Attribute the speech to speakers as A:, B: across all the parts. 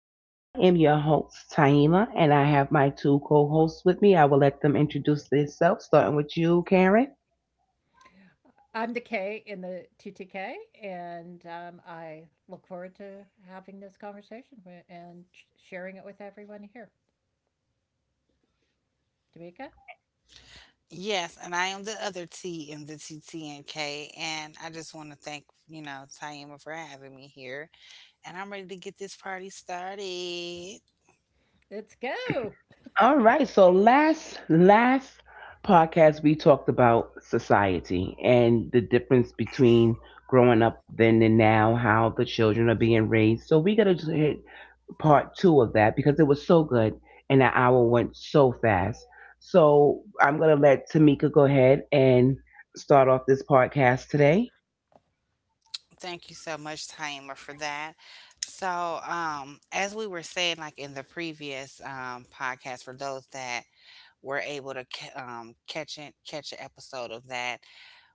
A: And I am your host, Taima, and I have my two co hosts with me. I will let them introduce themselves, starting with you, Karen.
B: I'm the K in the TTK, and I look forward to having this conversation sharing it with everyone here. Tamika,
C: Yes, and I am the other T in the TTNK, and I just want to thank, Taima for having me here. And I'm ready to get this party started.
B: let's go.
A: All right. So last podcast we talked about society and the difference between growing up then and now, how the children are being raised. So we gotta just hit part two of that because it was so good and that hour went so fast. So I'm going to let Tamika go ahead and start off this podcast today.
C: Thank you so much, Taima, for that. As we were saying, like in the previous podcast, for those that were able to catch it, catch an episode of that,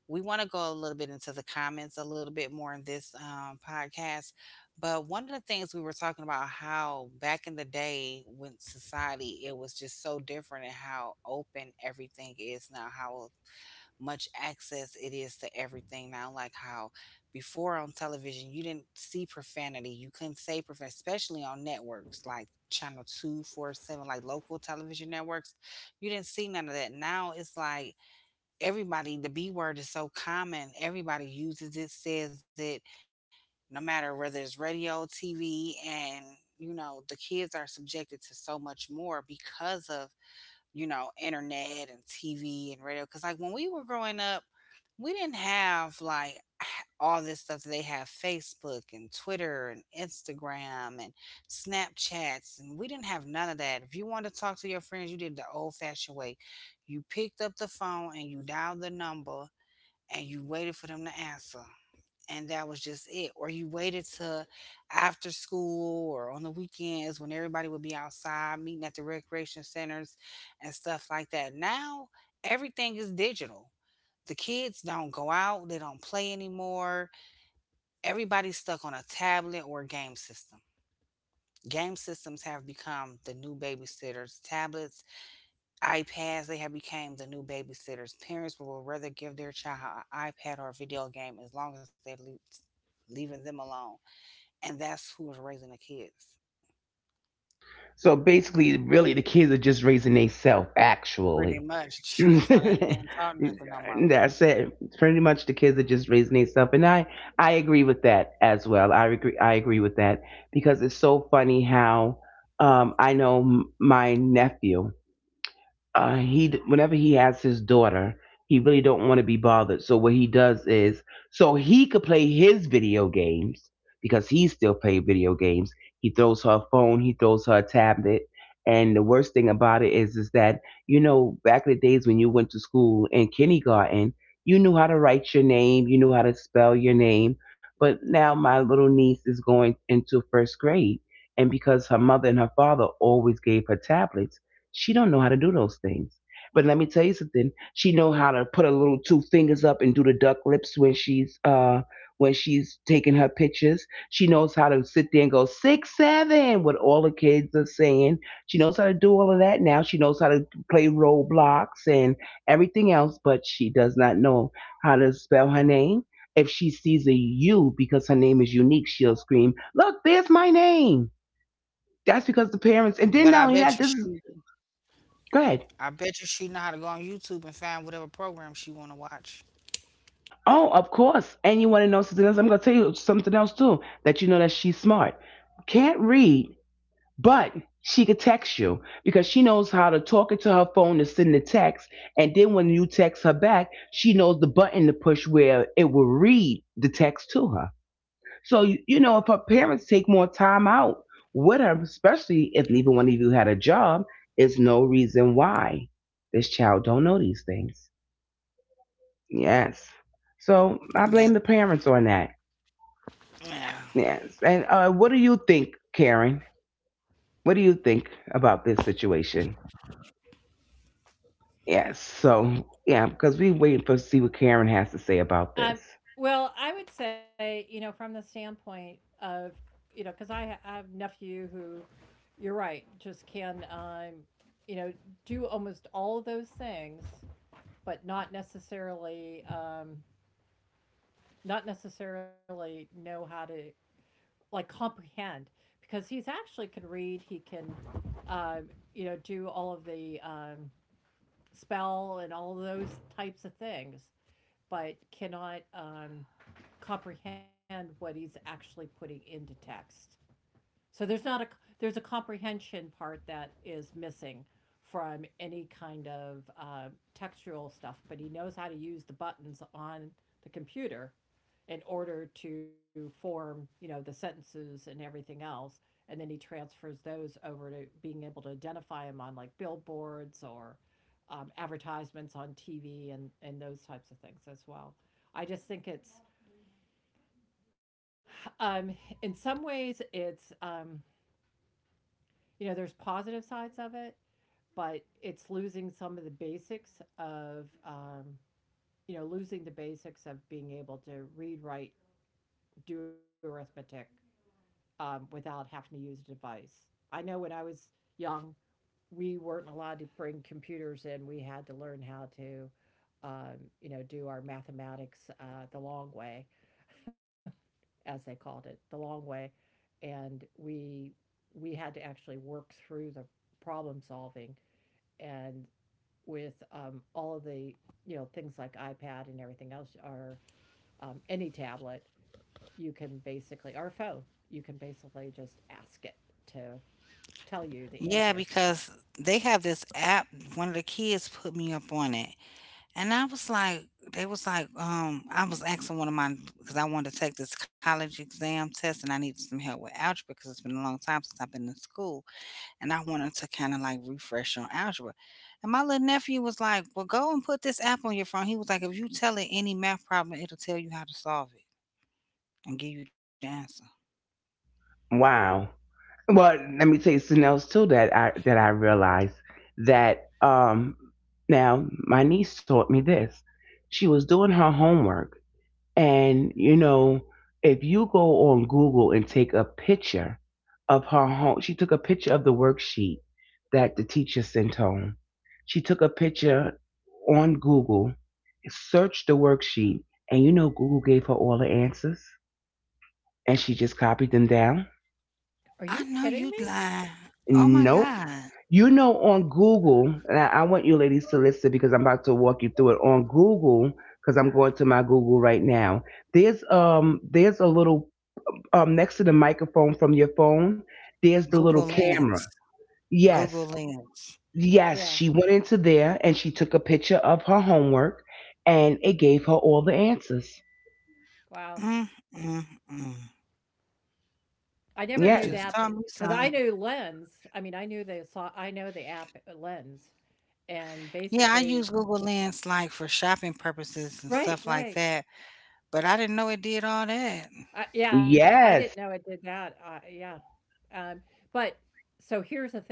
C: we want to go a little bit into the comments a little bit more in this podcast. But one of the things we were talking about how back in the day when society, it was just so different and how open everything is now, how much access it is to everything now. Like how before on television, you didn't see profanity. You couldn't say profanity, especially on networks like Channel 247, like local television networks. You didn't see none of that. Now it's like, everybody the b word is so common, everybody uses it, says it, no matter whether it's radio, tv. And the kids are subjected to so much more because of, internet and tv and radio. Because like when we were growing up, we didn't have, like, all this stuff that they have, Facebook and Twitter and Instagram and Snapchats, and we didn't have none of that. If you wanted to talk to your friends, you did the old-fashioned way. You picked up the phone and you dialed the number, and you waited for them to answer, and that was just it. Or you waited to after school or on the weekends when everybody would be outside meeting at the recreation centers and stuff like that. Now everything is digital. The kids don't go out, they don't play anymore. Everybody's stuck on a tablet or a game system. Game systems have become the new babysitters. Tablets, iPads, they have become the new babysitters. Parents will rather give their child an iPad or a video game as long as they're leaving them alone, and that's who was raising the kids,
A: So basically, really, the kids are just raising themselves, actually.
C: pretty much. That's why they ain't
A: That's
C: being taught nothing no more.
A: it. It's pretty much the kids are just raising themselves, and I agree with that as well. I agree with that because it's so funny how I know my nephew he whenever he has his daughter, he really don't want to be bothered. So what he does is, so he could play his video games because he still play video games. He throws her a phone, he throws her a tablet, and the worst thing about it is that you know back in the days when you went to school in kindergarten, you knew how to write your name, you knew how to spell your name. But now my little niece is going into first grade, and because her mother and her father always gave her tablets, she don't know how to do those things. But let me tell you something. She know how to put her little two fingers up and do the duck lips when she's taking her pictures. She knows how to sit there and go 6 7, what all the kids are saying. She knows how to do all of that now. She knows how to play Roblox and everything else, but she does not know how to spell her name. If she sees a U because her name is unique, she'll scream, "Look, there's my name." That's because the parents,
C: But
A: and
C: I
A: then
C: bet
A: not
C: you
A: only that, this
C: she,
A: is good.
C: I bet you she know how to go on YouTube and find whatever program she want to watch.
A: Oh, of course. And you want to know something else? I'm going to tell you something else too that you know that she's smart. Can't read, but she could text you because she knows how to talk into her phone to send the text. And then when you text her back, she knows the button to push where it will read the text to her. So, you know, if her parents take more time out with her, especially if neither one of you had a job, it's no reason why this child don't know these things. Yes. So I
C: Yeah,
A: blame the parents on that.
C: yeah,
A: Yes. And what do you think, Karen? What do you think about this situation? Yes. So, yeah, because we waiting for see what Karen has to say about
B: Um,
A: this.
B: well, I would say, you know, from the standpoint of, you know, because I have a nephew who, you're right, just can, you know, do almost all of those things, but not necessarily, not necessarily know how to like comprehend because he's actually can read. He can, um, you know, do all of the spell and all those types of things, but cannot comprehend what he's actually putting into text. So there's not a there's a comprehension part that is missing from any kind of textual stuff, but he knows how to use the buttons on the computer in order to form, you know, the sentences and everything else, and then he transfers those over to being able to identify them on like billboards or advertisements on TV and those types of things as well. I just think it's um, in some ways it's you know, there's positive sides of it, but it's losing some of the basics of, you know, losing the basics of being able to read, write, do arithmetic without having to use a device. I know when I was young, we weren't allowed to bring computers in. We had to learn how to, you know, do our mathematics the long way, as they called it, the long way, and we had to actually work through the problem solving and with all of the, you know, things like iPad and everything else, or any tablet, you can basically, or phone, you can basically just ask it to tell you the
C: yeah.
B: answer.
C: Because they have this app. One of the kids put me up on it, and I was like, they was like, I was asking one of my, because I wanted to take this college exam test, and I needed some help with algebra because it's been a long time since I've been in school, and I wanted to kind of like refresh on algebra. And my little nephew was like, well, go and put this app on your phone. He was like, if you tell it any math problem, it'll tell you how to solve it and give you the answer.
A: Wow. Well, let me tell you something else too that I realized that now my niece taught me this. She was doing her homework. And, you know, if you go on Google and take a picture of her home, she took a picture of the worksheet that the teacher sent home. She took a picture on Google, searched the worksheet, and you know Google gave her all the answers and she just copied them down.
C: I
B: Are you
C: know you
B: kidding me?
C: lying. Oh my
A: Nope.
C: God.
A: You know, on Google, and I want you ladies to listen because I'm about to walk you through it. On Google, because I'm going to my Google right now. There's a little next to the microphone from your phone, there's the little
C: Google
A: camera.
C: Lens.
A: Yes,
C: Google Lens.
A: yes,
B: Yeah.
A: she went into there and she took a picture of her homework and it gave her all the answers.
B: Wow.
C: Mm, mm, mm.
B: I never knew
C: You
B: that,
A: Yes,
B: but
C: just taught me
B: because I knew
C: something.
B: Lens, I mean, I know the app Lens, and
C: Yeah, I
B: basically,
C: use Google Lens like for shopping purposes and
B: right,
C: stuff like
B: right.
C: that, but I didn't know it did all that.
B: Yeah, I didn't know it
A: yes.
B: did that. Yeah. Um, but so here's the thing.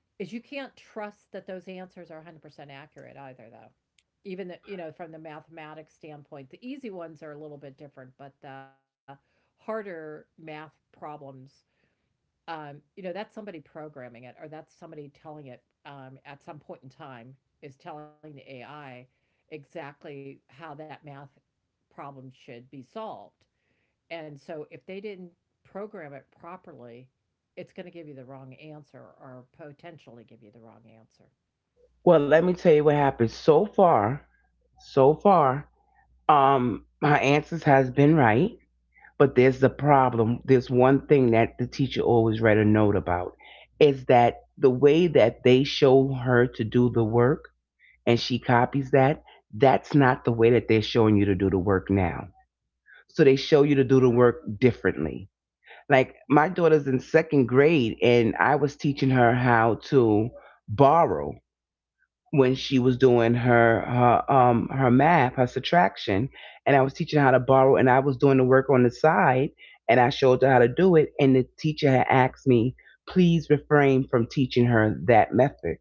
B: Is you can't trust that those answers are 100% accurate either though, even the, you know, from the mathematics standpoint the easy ones are a little bit different, but the harder math problems, you know, that's somebody programming it, or that's somebody telling it, at some point in time is telling the ai exactly how that math problem should be solved, and so if they didn't program it properly, it's going to give you the wrong answer or potentially give you the wrong answer.
A: Well, let me tell you what happened. So far, her answers has been right, but there's the problem. There's one thing that the teacher always read a note about is that the way that they show her to do the work and she copies that, that's not the way that they're showing you to do the work now. So they show you to do the work differently. Like my daughter's in second grade, and I was teaching her how to borrow when she was doing her her math, her subtraction, and I was teaching her how to borrow, and I was doing the work on the side, and I showed her how to do it, and the teacher had asked me, please refrain from teaching her that method,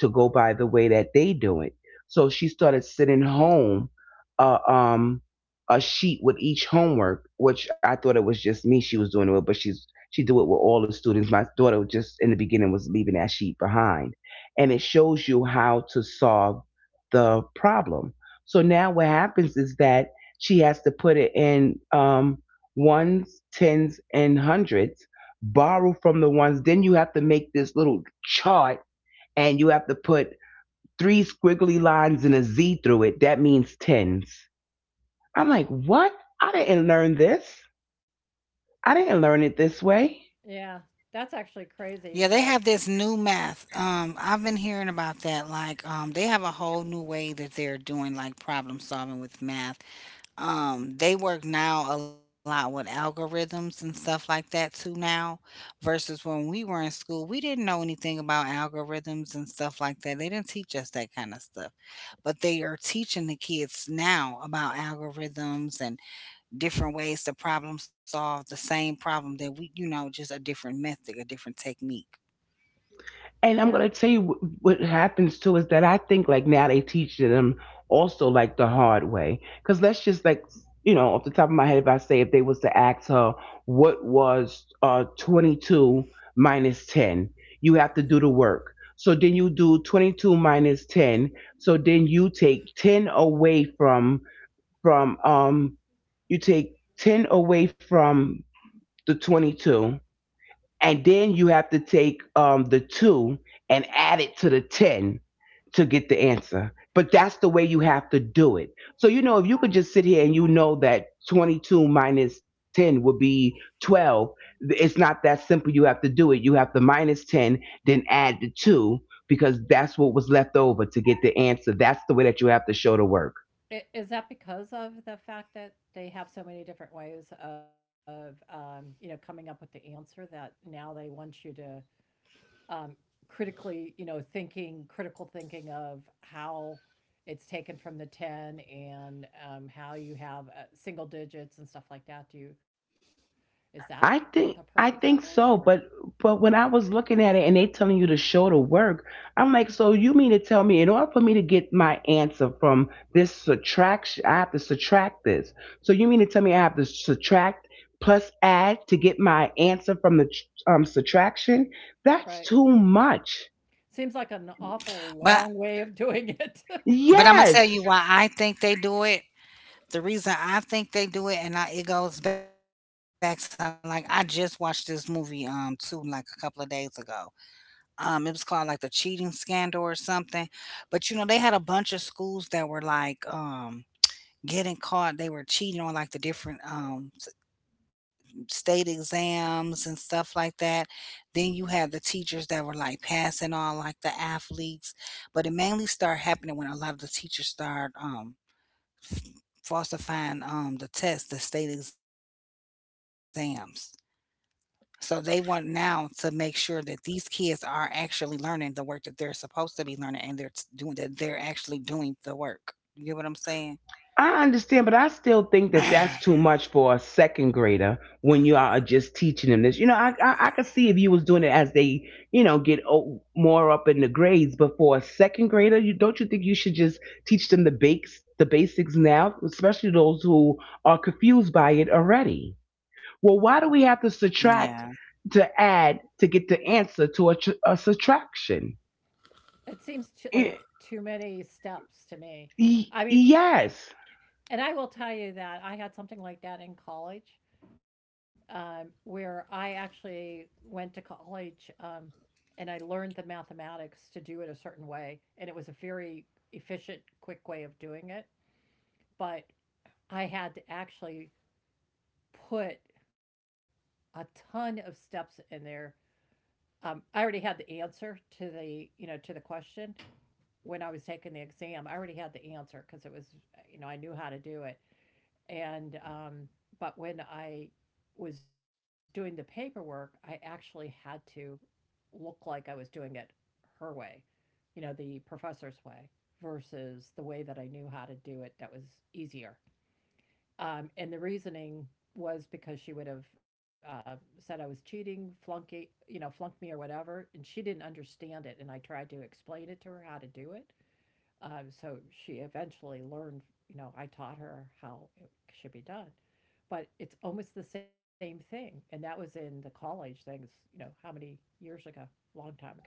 A: to go by the way that they do it. So she started sitting home, uh, um, a sheet with each homework, which I thought it was just me she was doing it with, but she do it with all the students. My daughter just in the beginning was leaving that sheet behind and it shows you how to solve the problem. So now what happens is that she has to put it in ones, tens, and hundreds, borrow from the ones. Then you have to make this little chart and you have to put three squiggly lines and a Z through it. That means tens. I'm like, what? I didn't learn this. I didn't learn it this way.
B: Yeah, that's actually crazy, but
C: Yeah, they have this new math. I've been hearing about that. Like, they have a whole new way that they're doing like problem solving with math. They work now a lot with algorithms and stuff like that too now, versus when we were in school, we didn't know anything about algorithms and stuff like that. They didn't teach us that kind of stuff, but they are teaching the kids now about algorithms and different ways to problem solve the same problem that we, you know, just a different method, a different technique.
B: yeah,
A: And I'm gonna tell you what happens too is that I think like now they teach them also like the hard way. Cause let's just like you know off the top of my head, if I say if they was to ask her what was 22 minus 10, you have to do the work. So then you do 22 minus 10. So then you take 10 away from you take 10 away from the 22 and then you have to take the two and add it to the 10 to get the answer. But that's the way you have to do it. So, you know, if you could just sit here and you know that 22 minus 10 would be 12, it's not that simple. You have to do it. You have to minus 10, then add the two because that's what was left over to get the answer. That's the way that you have to show the work.
B: is that because of the fact that they have so many different ways of, you know, coming up with the answer that now they want you to um, critically, you know, critical thinking of how it's taken from the 10 and how you have single digits and stuff like that? Is that the
A: I
B: purpose of
A: think I
B: it,
A: think
B: or?
A: so, but when I was looking at it and they telling you to show the work, I'm like, so you mean to tell me in order for me to get my answer from this subtraction, I have to subtract this. So you mean to tell me I have to subtract plus add to get my answer from the subtraction?
B: Right.
A: That's too much.
B: Seems like an awful long way of
C: But
B: doing it.
A: Yes.
C: but I'm gonna tell you why I think they do it. The reason I think they do it, and I, it goes back to like I just watched this movie too like a couple of days ago. It was called like the cheating scandal or something. But you know they had a bunch of schools that were like getting caught. They were cheating on like the different state exams and stuff like that. Then you had the teachers that were like passing on like the athletes, but it mainly started happening when a lot of the teachers started falsifying the tests, the state exams. So they want now to make sure that these kids are actually learning the work that they're supposed to be learning, and they're doing that. They're actually doing the work. You get what I'm
A: I
C: saying?
A: understand, but I still think that that's too much for a second grader when you are just teaching them this. You know, I could see if you was doing it as they, you know, get more up in the grades. But for a second grader, you don't you think you should just teach them the basics now, especially those who are confused by it already. Well, why do we have to
C: Yeah,
A: subtract to add to get the answer to a, a subtraction?
B: It seems to, like,
A: Y-
B: too many steps to me. I mean,
A: yes.
B: and I will tell you that I had something like that in college, where I actually went to college and I learned the mathematics to do it a certain way. And it was a very efficient, quick way of doing it. But I had to actually put a ton of steps in there. I already had the answer to the, you know, to the question when I was taking the exam. I already had the answer because it was, you know, I knew how to do it. And but when I was doing the paperwork, I actually had to look like I was doing it her way, you know, the professor's way versus the way that I knew how to do it that was easier. And the reasoning was because she would have said I was cheating, flunky, you know, flunked me or whatever, and she didn't understand it. And I tried to explain it to her how to do it, so she eventually learned, you know, I taught her how it should be done. But it's almost the same thing. And that was in the college things, you know, how many years ago? Long time ago.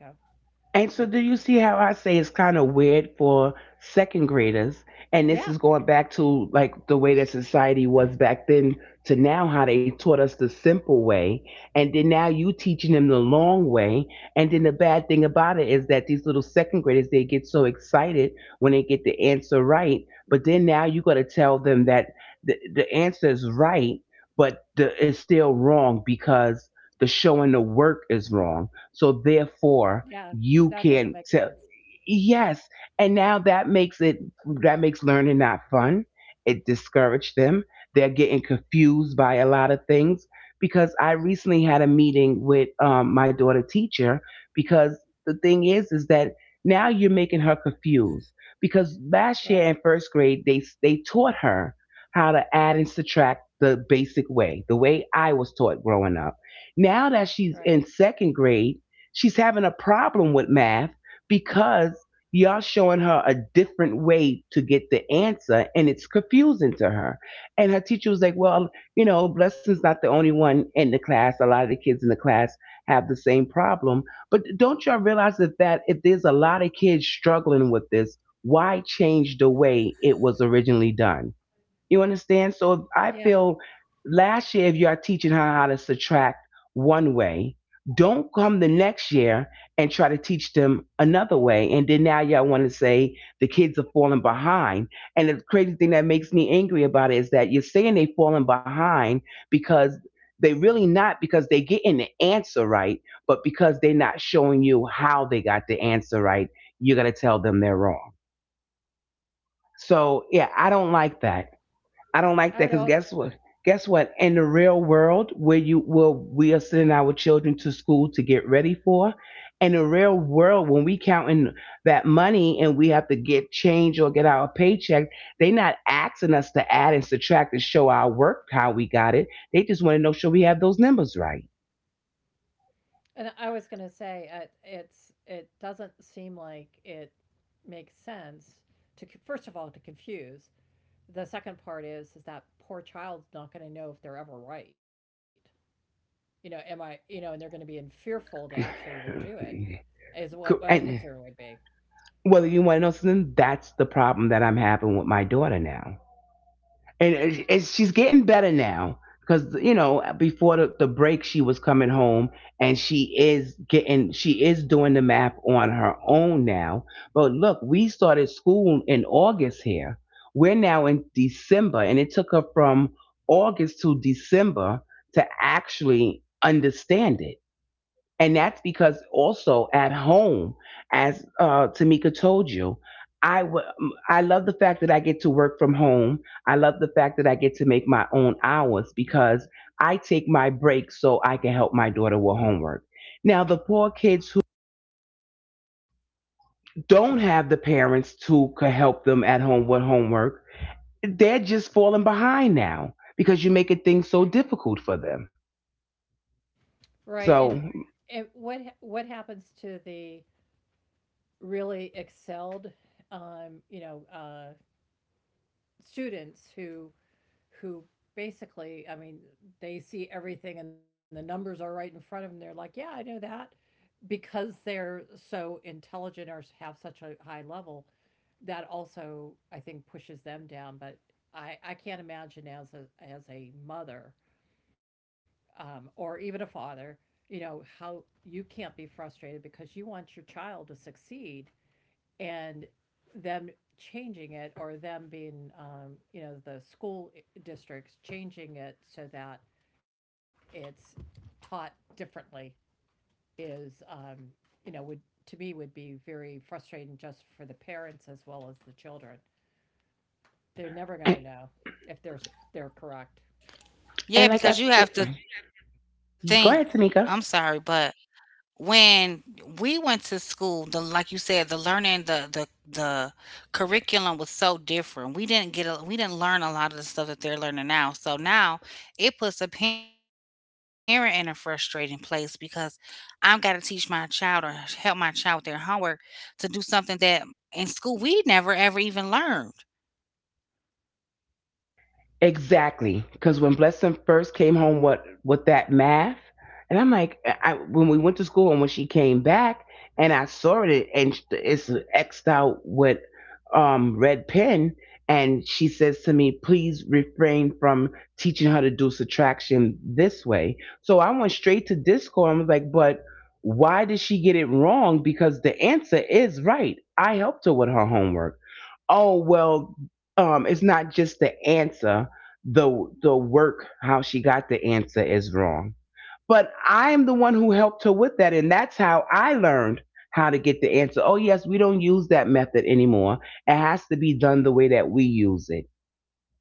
A: And so,
B: But
A: do you see how I say it's kind of weird for second graders? And this
B: yeah,
A: is going back to like the way that society was back then to now, how they taught us the simple way. And then now you teaching them the long way. And then the bad thing about it is that these little second graders, they get so excited when they get the answer right. But then now you got to tell them that the answer is right, but it's still wrong because the showing the work is wrong. So, therefore,
B: yeah, that
A: you
B: doesn't make
A: can tell.
B: sense.
A: Yes, and now that makes it, that makes learning not fun. It discouraged them. They're getting confused by a lot of things because I recently had a meeting with my daughter teacher because the thing is that now you're making her confused because last year
B: Right,
A: in first grade they taught her how to add and subtract the basic way, the way I was taught growing up. Now
B: right.
A: that she's in second grade, she's having a problem with math because y'all showing her a different way to get the answer and it's confusing to her, and her teacher was like, well, you know, blessing's not the only one in the class, a lot of the kids in the class have the same problem. But don't y'all realize that, that if there's a lot of kids struggling with this, why change the way it was originally done? You understand? So I
B: Yeah.
A: feel last year, if you are teaching her how to subtract one way, don't come the next year and try to teach them another way. And then now y'all want to say the kids are falling behind. And the crazy thing that makes me angry about it is that you're saying they're falling behind because they really not, because they getting the answer right, but because they're not showing you how they got the answer right, you're gonna tell them they're wrong. So yeah, I don't like that. I
B: I
A: don't
B: would
A: like that
B: all,
A: because guess what? Guess what? In the real world, where you where we are sending our children to school to get ready for, in the real world, when we counting that money and we have to get change or get our paycheck, they not asking us to add and subtract and show our work how we got it. They just want to know sure we have those numbers right.
B: and I was going to say it's it doesn't seem like it makes sense to first of all to confuse. The second part is that poor child's not going to know if they're ever right. You know, you know, and they're going to be in fearful to actually even do it is what my
A: Co-
B: concern
A: And
B: would be.
A: whether you want to know something, that's the problem that I'm having with my daughter now and she's getting better now because you know before the break she was coming home and she is doing the math on her own now. But look, we started school in August here, we're now in December and it took her from August to December to actually understand it. And that's because also at home, as Tamika told you, I w- I love the fact that I get to work from home. I love the fact that I get to make my own hours because I take my breaks so I can help my daughter with homework. Now, the poor kids who don't have the parents who could help them at home with homework, they're just falling behind now because you're making things so difficult for them.
B: Right.
A: So,
B: And what happens to the really excelled, you know, students who basically, I mean, they see everything and the numbers are right in front of them. They're like, yeah, I know that because they're so intelligent or have such a high level that also I think pushes them down. But I can't imagine as a mother, or even a father, you know, how you can't be frustrated because you want your child to succeed, and them changing it or them being, you know, the school districts changing it so that it's taught differently is, you know, would, to me, would be very frustrating just for the parents as well as the children. They're never going to
A: and
B: know if they're correct.
C: yeah,
A: like
C: because
A: I
C: you
A: said,
C: have to think. I'm
A: go
C: sorry,
A: ahead,
C: but
A: Tamika.
C: when we went to school, the like you said, the learning, the curriculum was so different, we didn't get a, we didn't learn a lot of the stuff that they're learning now, so now it puts a parent in a frustrating place because I've got to teach my child or help my child with their homework to do something that in school we never ever even learned.
A: Exactly, because when Blessing first came home, what with that math, and I'm like, I when we went to school and when she came back, and I saw it, and it's xed out with red pen, and she says to me, please refrain from teaching her to do subtraction this way. So I went straight to Discord and was like, but why did she get it wrong? Because the answer is right. I helped her with her homework. Oh well, it's not just the answer, the work how she got the answer is wrong. But I'm the one who helped her with that, and that's how I learned how to get the answer. Oh yes, we don't use that method anymore, it has to be done the way that we use it.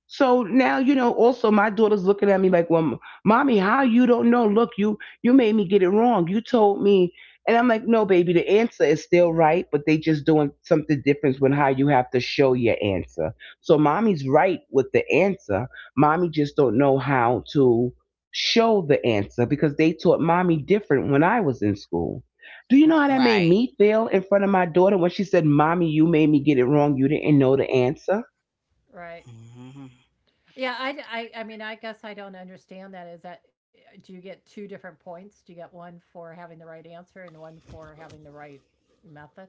A: So now you know. Also, my daughter's looking at me like, "Well, mommy, how you don't know? Look, you made me get it wrong. You told me." And I'm like, "No, baby, the answer is still right, but they just doing something different with how you have to show your answer. So mommy's right with the answer. Mommy just don't know how to show the answer because they taught mommy different when I was in school." Do you know how
C: Right.
A: that made me feel in front of my daughter when she said, "Mommy, you made me get it wrong. You didn't know the answer."?
B: Right.
C: Mhm.
B: Yeah, I mean, I guess I don't understand that. Is that, do you get two different points? Do you get one for having the right answer and one for having the right method?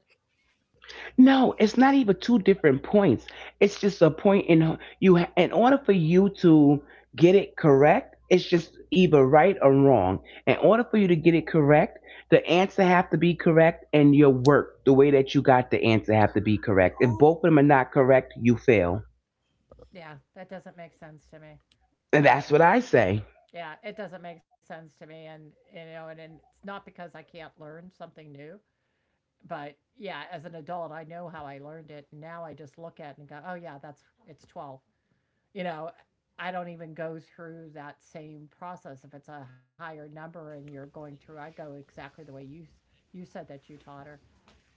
A: No, it's not even two different points. It's just a point in you. In order for you to get it correct, it's just either right or wrong. In order for you to get it correct, the answer have to be correct, and your work, the way that you got the answer, have to be correct. If both of them are not correct, you fail.
B: Yeah, that doesn't make sense to me.
A: And
B: Uh,
A: that's what I say.
B: yeah, it doesn't make sense to me, and you know, and it's not because I can't learn something new, but yeah, as an adult, I know how I learned it. Now I just look at it and go, oh yeah, that's it's 12. You know, I don't even go through that same process. If it's a higher number and you're going through, I go exactly the way you said that you taught her.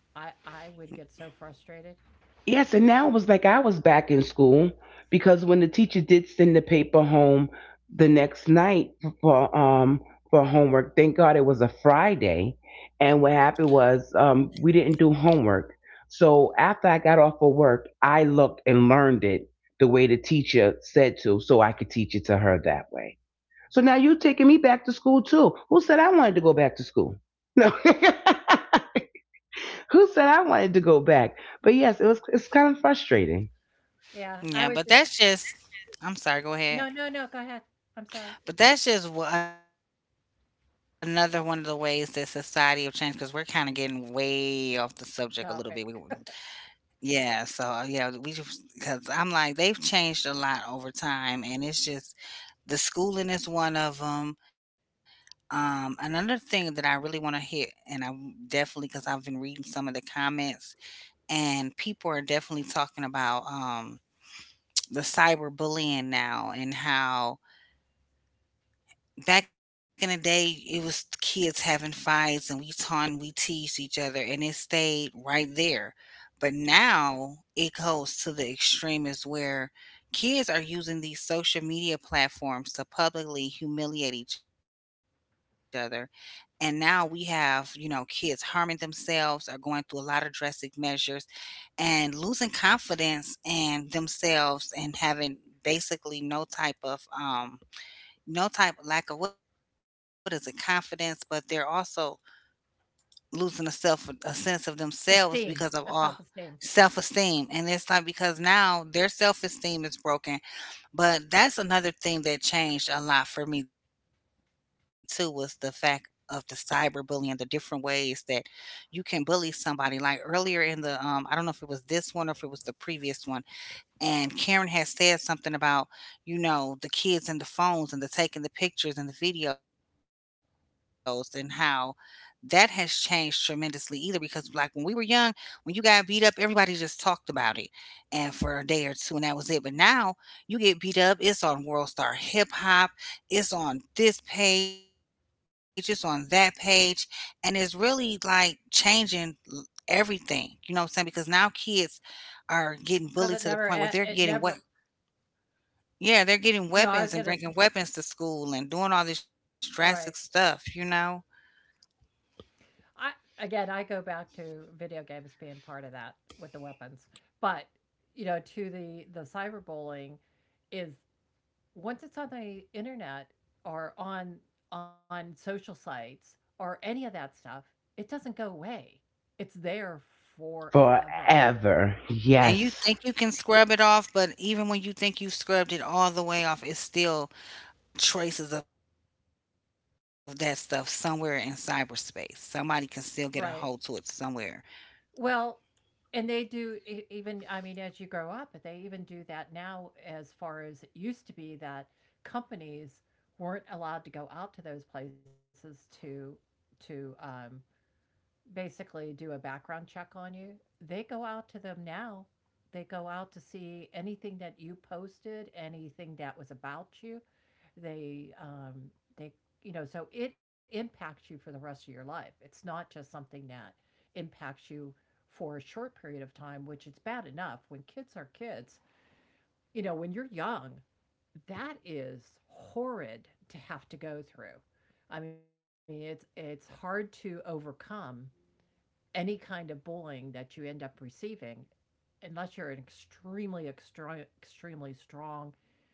B: I would get so frustrated.
A: Yes, and now it was like I was back in school because when the teacher did send the paper home the next night for homework, thank God it was a Friday. And what happened was we didn't do homework. So after I got off of work, I looked and learned it the way the teacher said to, so I could teach it to her that way. So now you're taking me back to school too. Who said I wanted to go back to school? No. Who said I wanted to go back? But yes, it was. It's kind of frustrating.
C: Yeah,
B: Yeah,
C: but
B: I would.
C: that's just, I'm sorry, go ahead.
B: No, no, no. Go ahead. I'm sorry.
C: But that's just another one of the ways that society will change, because we're kind of getting way off the subject a little bit.
B: Topic.
C: Yeah, so yeah, we, because I'm like, they've changed a lot over time, and it's just the schooling is one of them. Another thing that I really want to hit, and I definitely, because I've been reading some of the comments, and people are definitely talking about the cyberbullying now and how back in the day, it was kids having fights and we taunt and we teased each other and it stayed right there. But now it goes to the extreme, is where kids are using these social media platforms to publicly humiliate each other. And now we have, you know, kids harming themselves or going through a lot of drastic measures and losing confidence in themselves and having basically no type of no type of, lack of, what is it, confidence, but they're also losing a self, a sense of themselves because of
B: Esteem, a
C: all
B: self esteem,
C: self-esteem. And it's like, because now their self-esteem is broken. But that's another thing that changed a lot for me too, was the fact of the cyberbullying, the different ways that you can bully somebody, like earlier in the I don't know if it was this one or if it was the previous one, and Karen has said something about, you know, the kids and the phones and the taking the pictures and the videos and how that has changed tremendously, either because like when we were young, when you got beat up, everybody just talked about it, and for a day or two, and that was it. But now you get beat up, it's on World Star Hip Hop, it's on this page, it's on that page, and it's really like changing everything. You know what I'm saying? Because now kids are getting bullied to the
B: because
C: point where they're
B: it
C: getting what,
B: never.
C: yeah, they're
B: No,
C: getting
B: I was gonna
C: weapons and
B: say
C: bringing weapons to school and doing all this
B: right.
C: drastic stuff, you know?
B: I again, I go back to video games being part of that with the weapons, but you know, to the cyberbullying is, once it's on the internet or on social sites or any of that stuff, it doesn't go away. It's there forever.
A: Forever, yes,
C: And you think you can scrub it off, but even when you think you've scrubbed it all the way off, it's still traces of that stuff somewhere in cyberspace. Somebody can still get a hold to it
B: Right.
C: somewhere.
B: Well, and they do even, I mean, as you grow up, they even do that now. As far as it used to be that companies weren't allowed to go out to those places to to um basically do a background check on you. They go out to them now. They go out to see anything that you posted, anything that was about you. They, um, they, you know, so it impacts you for the rest of your life. It's not just something that impacts you for a short period of time, which it's bad enough when kids are kids. You know, when you're young, that is horrid to have to go through. I mean, it's hard to overcome any kind of bullying that you end up receiving, unless you're an extremely strong,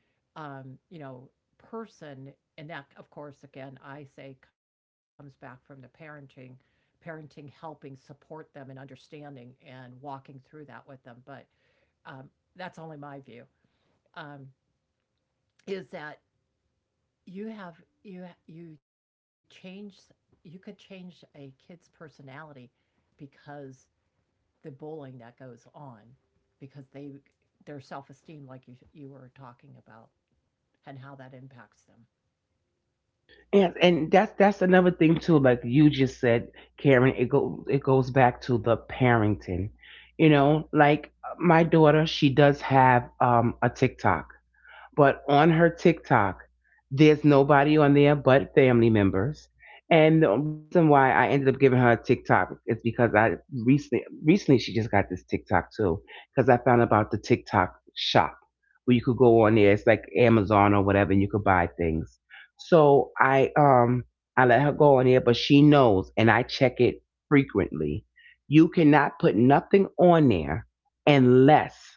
B: you know, person, and that, of course, again, I say comes back from the parenting, parenting helping support them and understanding and walking through that with them. But um, that's only my view. Um, is that you have you change, you could change a kid's personality because the bullying that goes on because they, their self-esteem, like you were talking about, and how that impacts them.
A: and that's another thing too. Like you just said, Karen, it goes back to the parenting. You know, like my daughter, she does have a TikTok. But on her TikTok, there's nobody on there but family members. And the reason why I ended up giving her a TikTok is because I recently she just got this TikTok too, because I found about the TikTok shop where you could go on there. It's like Amazon or whatever, and you could buy things. So I let her go on there, but she knows, and I check it frequently. You cannot put nothing on there unless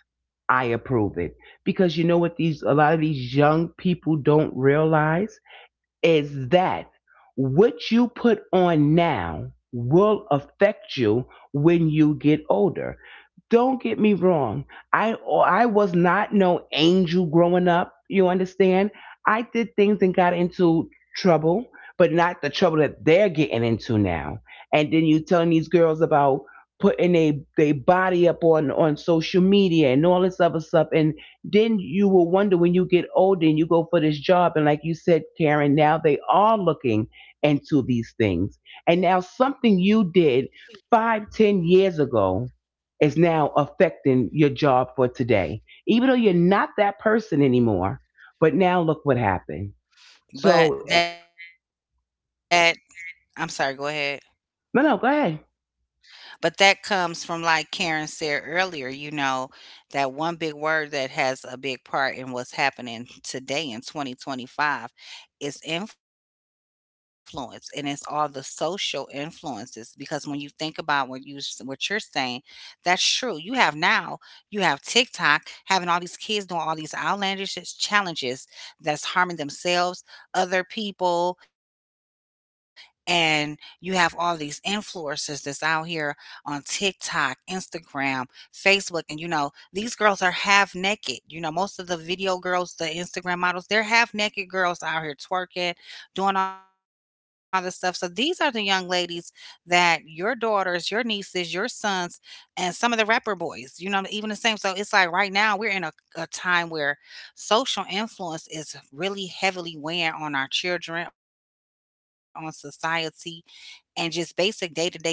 A: I approve it, because you know what, these a lot of these young people don't realize is that what you put on now will affect you when you get older. Don't get me wrong. I was not no angel growing up. You understand? I did things and got into trouble, but not the trouble that they're getting into now. And then you telling these girls about putting a they body up on social media and all this other stuff. And then you will wonder when you get older and you go for this job. And like you said, Karen, now they are looking into these things. And now something you did five, 10 years ago is now affecting your job for today. Even though you're not that person anymore, but now look what happened. So,
C: But that, I'm sorry, go ahead.
A: no, no, go ahead.
C: But that comes from, like Karen said earlier, you know, that one big word that has a big part in what's happening today in 2025 is influence. And it's all the social influences. Because when you think about what you, what you're saying, that's true. You have now, you have TikTok having all these kids doing all these outlandish challenges that's harming themselves, other people, and you have all these influencers that's out here on TikTok, Instagram, Facebook, and you know, these girls are half naked. You know, most of the video girls, the Instagram models, they're half naked girls out here twerking, doing all this stuff. So these are the young ladies that your daughters, your nieces, your sons, and some of the rapper boys, you know, even the same. So it's like right now we're in a time where social influence is really heavily weighing on our children, on society, and just basic day-to-day functioning,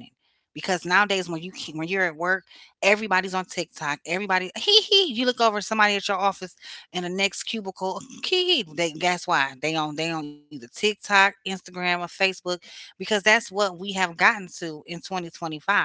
C: because nowadays when you can, when you're at work, everybody's on tiktok, everybody hee hee, you look over at somebody at your office in the next cubicle, hee hee, they, guess why they on, they on either tiktok, instagram, or facebook, because that's what we have gotten to in 2025.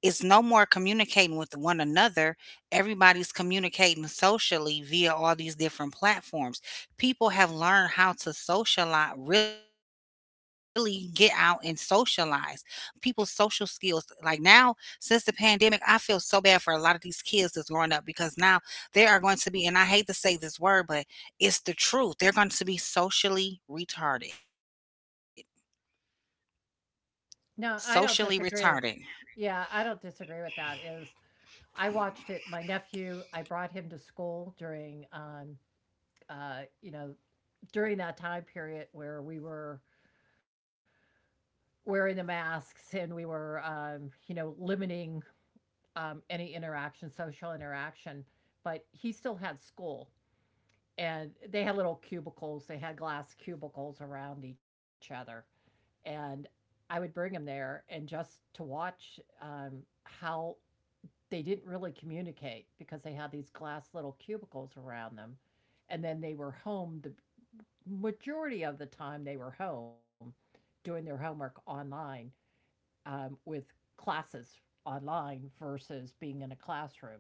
C: It's no more communicating with one another. Everybody's communicating socially via all these different platforms. People have learned how to socialize, really get out and socialize. People's social skills, like now, since the pandemic, I feel so bad for a lot of these kids that's growing up because now they are going to be, and I hate to say this word, but it's the truth. They're going to be socially retarded. Socially
B: No, I don't
C: retarded.
B: disagree. Yeah, I don't disagree with that. Is I watched it. My nephew, I brought him to school during, you know, during that time period where we were wearing the masks and we were, you know, limiting any interaction, social interaction. But he still had school, and they had little cubicles, they had glass cubicles around each other, and I would bring them there and just to watch how they didn't really communicate because they had these glass little cubicles around them, and then they were home the majority of the time they were home doing their homework online, with classes online versus being in a classroom.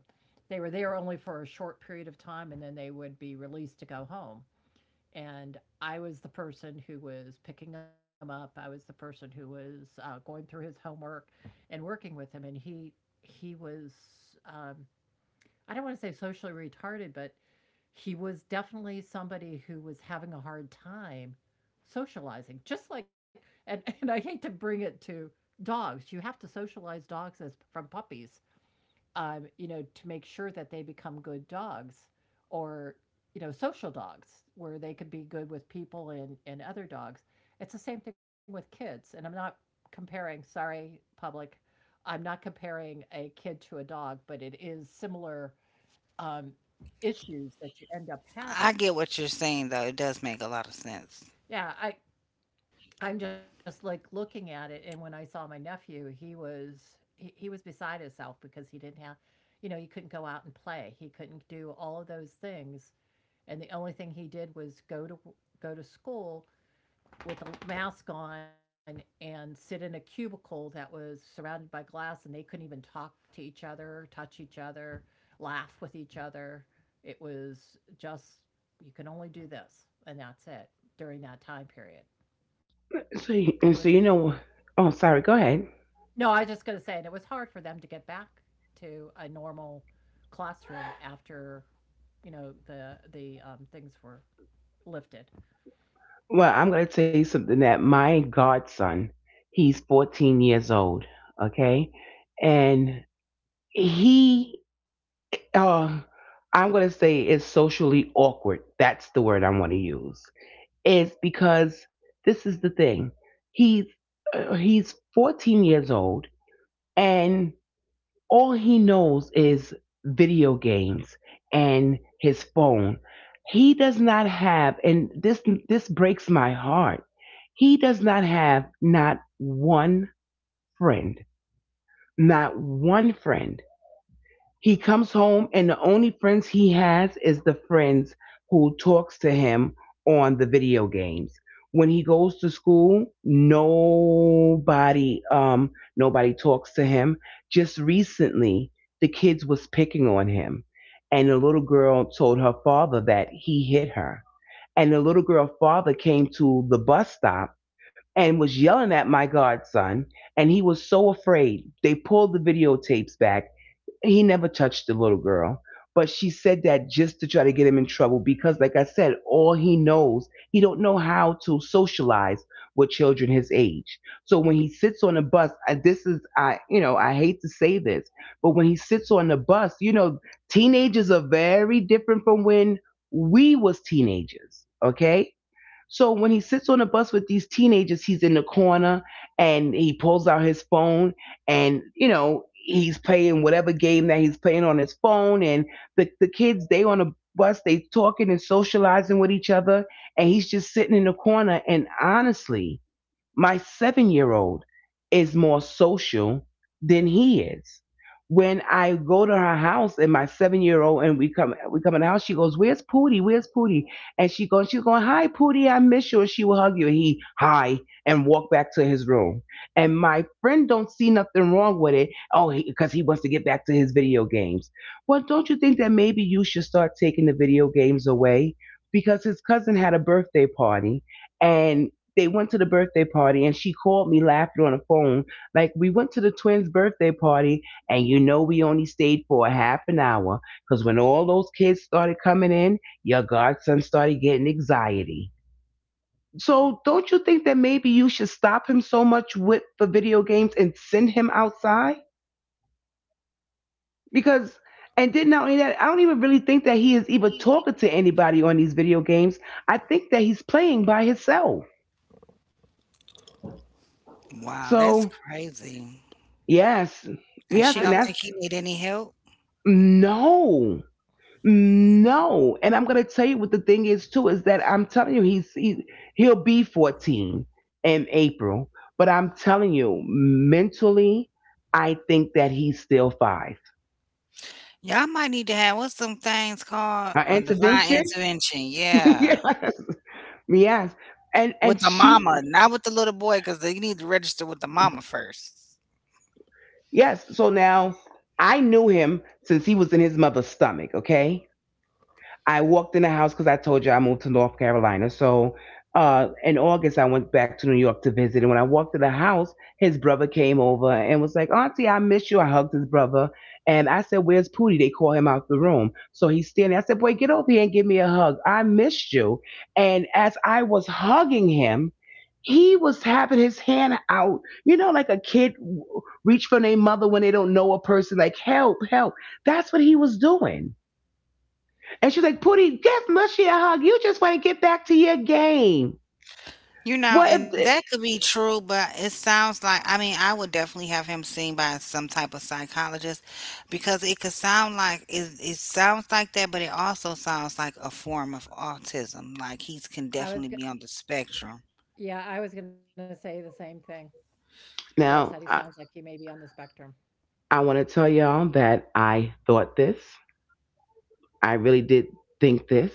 B: They were there only for a short period of time and then they would be released to go home, and I was the person who was picking him up. I was the person who was going through his homework and working with him. And he was um, I don't want to say socially retarded, but he was definitely somebody who was having a hard time socializing. Just like and I hate to bring it to dogs. You have to socialize dogs as from puppies, to make sure that they become good dogs or, you know, social dogs where they could be good with people and other dogs. It's the same thing with kids. And I'm not comparing, sorry, public, I'm not comparing a kid to a dog, but it is similar um, issues that you end up
C: I
B: having.
C: get what you're saying, though. It does make a lot of sense.
B: Yeah, I'm just, like, looking at it, and when I saw my nephew, he was beside himself because he didn't have, you know, he couldn't go out and play. He couldn't do all of those things, and the only thing he did was go to school with a mask on and sit in a cubicle that was surrounded by glass, and they couldn't even talk to each other, touch each other, laugh with each other. It was just, "You can only do this," and that's it during that time period,
A: So,
B: and it was
A: and so you know, oh, sorry, go ahead.
B: No, I was just gonna say, and it was hard for them to get back to a normal classroom after, things were lifted.
A: Well, I'm going to tell you something. That my godson, he's 14 years old, okay? And he um I'm going to say is socially awkward, that's the word I want to use, is because this is the thing. he's he's 14 years old and all he knows is video games and his phone. He does not have, and this breaks my heart, he does not have not one friend. Not one friend. He comes home and the only friends he has is the friends who talks to him on the video games. When he goes to school, nobody nobody talks to him. Just recently, the kids was picking on him and the little girl told her father that he hit her. And the little girl father came to the bus stop and was yelling at my godson and he was so afraid. They pulled the videotapes back, he never touched the little girl, but she said that just to try to get him in trouble because like I said, all he knows, he don't know how to socialize with children his age. So when he sits on a bus, this is I, you know, I hate to say this, but when he sits on the bus, you know, teenagers are very different from when we was teenagers, okay? So when he sits on the bus with these teenagers, he's in the corner and he pulls out his phone and, you know, he's playing whatever game that he's playing on his phone, and the kids they on the bus, they talking and socializing with each other, and he's just sitting in the corner. And honestly, my 7 year old is more social than he is. When I go to her house and my 7 year old and we come in the house, she goes, "Where's Pootie? Where's Pootie?" And she goes, she's going, "Hi Pootie, I miss you." And she will hug you. And he hi and walk back to his room. And my friend don't see nothing wrong with it. Oh, because he, 'cause he wants to get back to his video games. Well, don't you think that maybe you should start taking the video games away? Because his cousin had a birthday party and. They went to the birthday party and she called me laughing on the phone. Like, we went to the twins' birthday party and you know we only stayed for a half an hour because when all those kids started coming in, your godson started getting anxiety. So, don't you think that maybe you should stop him so much with the video games and send him outside? Because, and then not only that, I don't even really think that he is even talking to anybody on these video games. I think that he's playing by himself.
C: Wow, that's
A: So,
C: crazy.
A: yes,
C: And
A: yes,
C: she
A: and
C: don't
B: I
A: that's,
B: was
C: think
B: gonna,
C: he need any help?
A: no, no. And I'm gonna tell you what the thing is too is that I'm telling you he'll be 14 in April, but I'm telling you mentally, I think that he's still five.
C: Y'all might need to have what's some things called
A: Her
C: a divine
A: intervention,
C: intervention, yeah,
A: yes, yes, and
C: with
A: and
C: the
A: she,
C: mama, not with the little boy, because they need to register with the mama first.
A: yes. So now I knew him since he was in his mother's stomach. Okay, I walked in the house because I told you I moved to North Carolina. So in August, I went back to New York to visit. And when I walked in the house, his brother came over and was like, "Auntie, I miss you." I hugged his brother. And I said, "Where's Pootie?" They call him out the room. So he's standing. I said, "Boy, get over here and give me a hug. I missed you." And as I was hugging him, he was having his hand out, you know, like a kid reach for their mother when they don't know a person, like help, help. That's what he was doing. And she's like, "Pootie, give Mushy a hug. You just want to get back to your game."
C: You
A: What
C: know,
A: if eh,
C: and that could be true, but it sounds like I mean, I would definitely have him seen by some type of psychologist because it could sound like it sounds like that, but it also sounds like a form of autism. Like he's can
B: I
C: definitely be
B: was
C: on
B: gonna,
C: the spectrum.
B: yeah, I was gonna say the same thing is that he
A: Now
B: sounds like he may be on the spectrum.
A: I want to tell y'all that I thought this. I really did think this.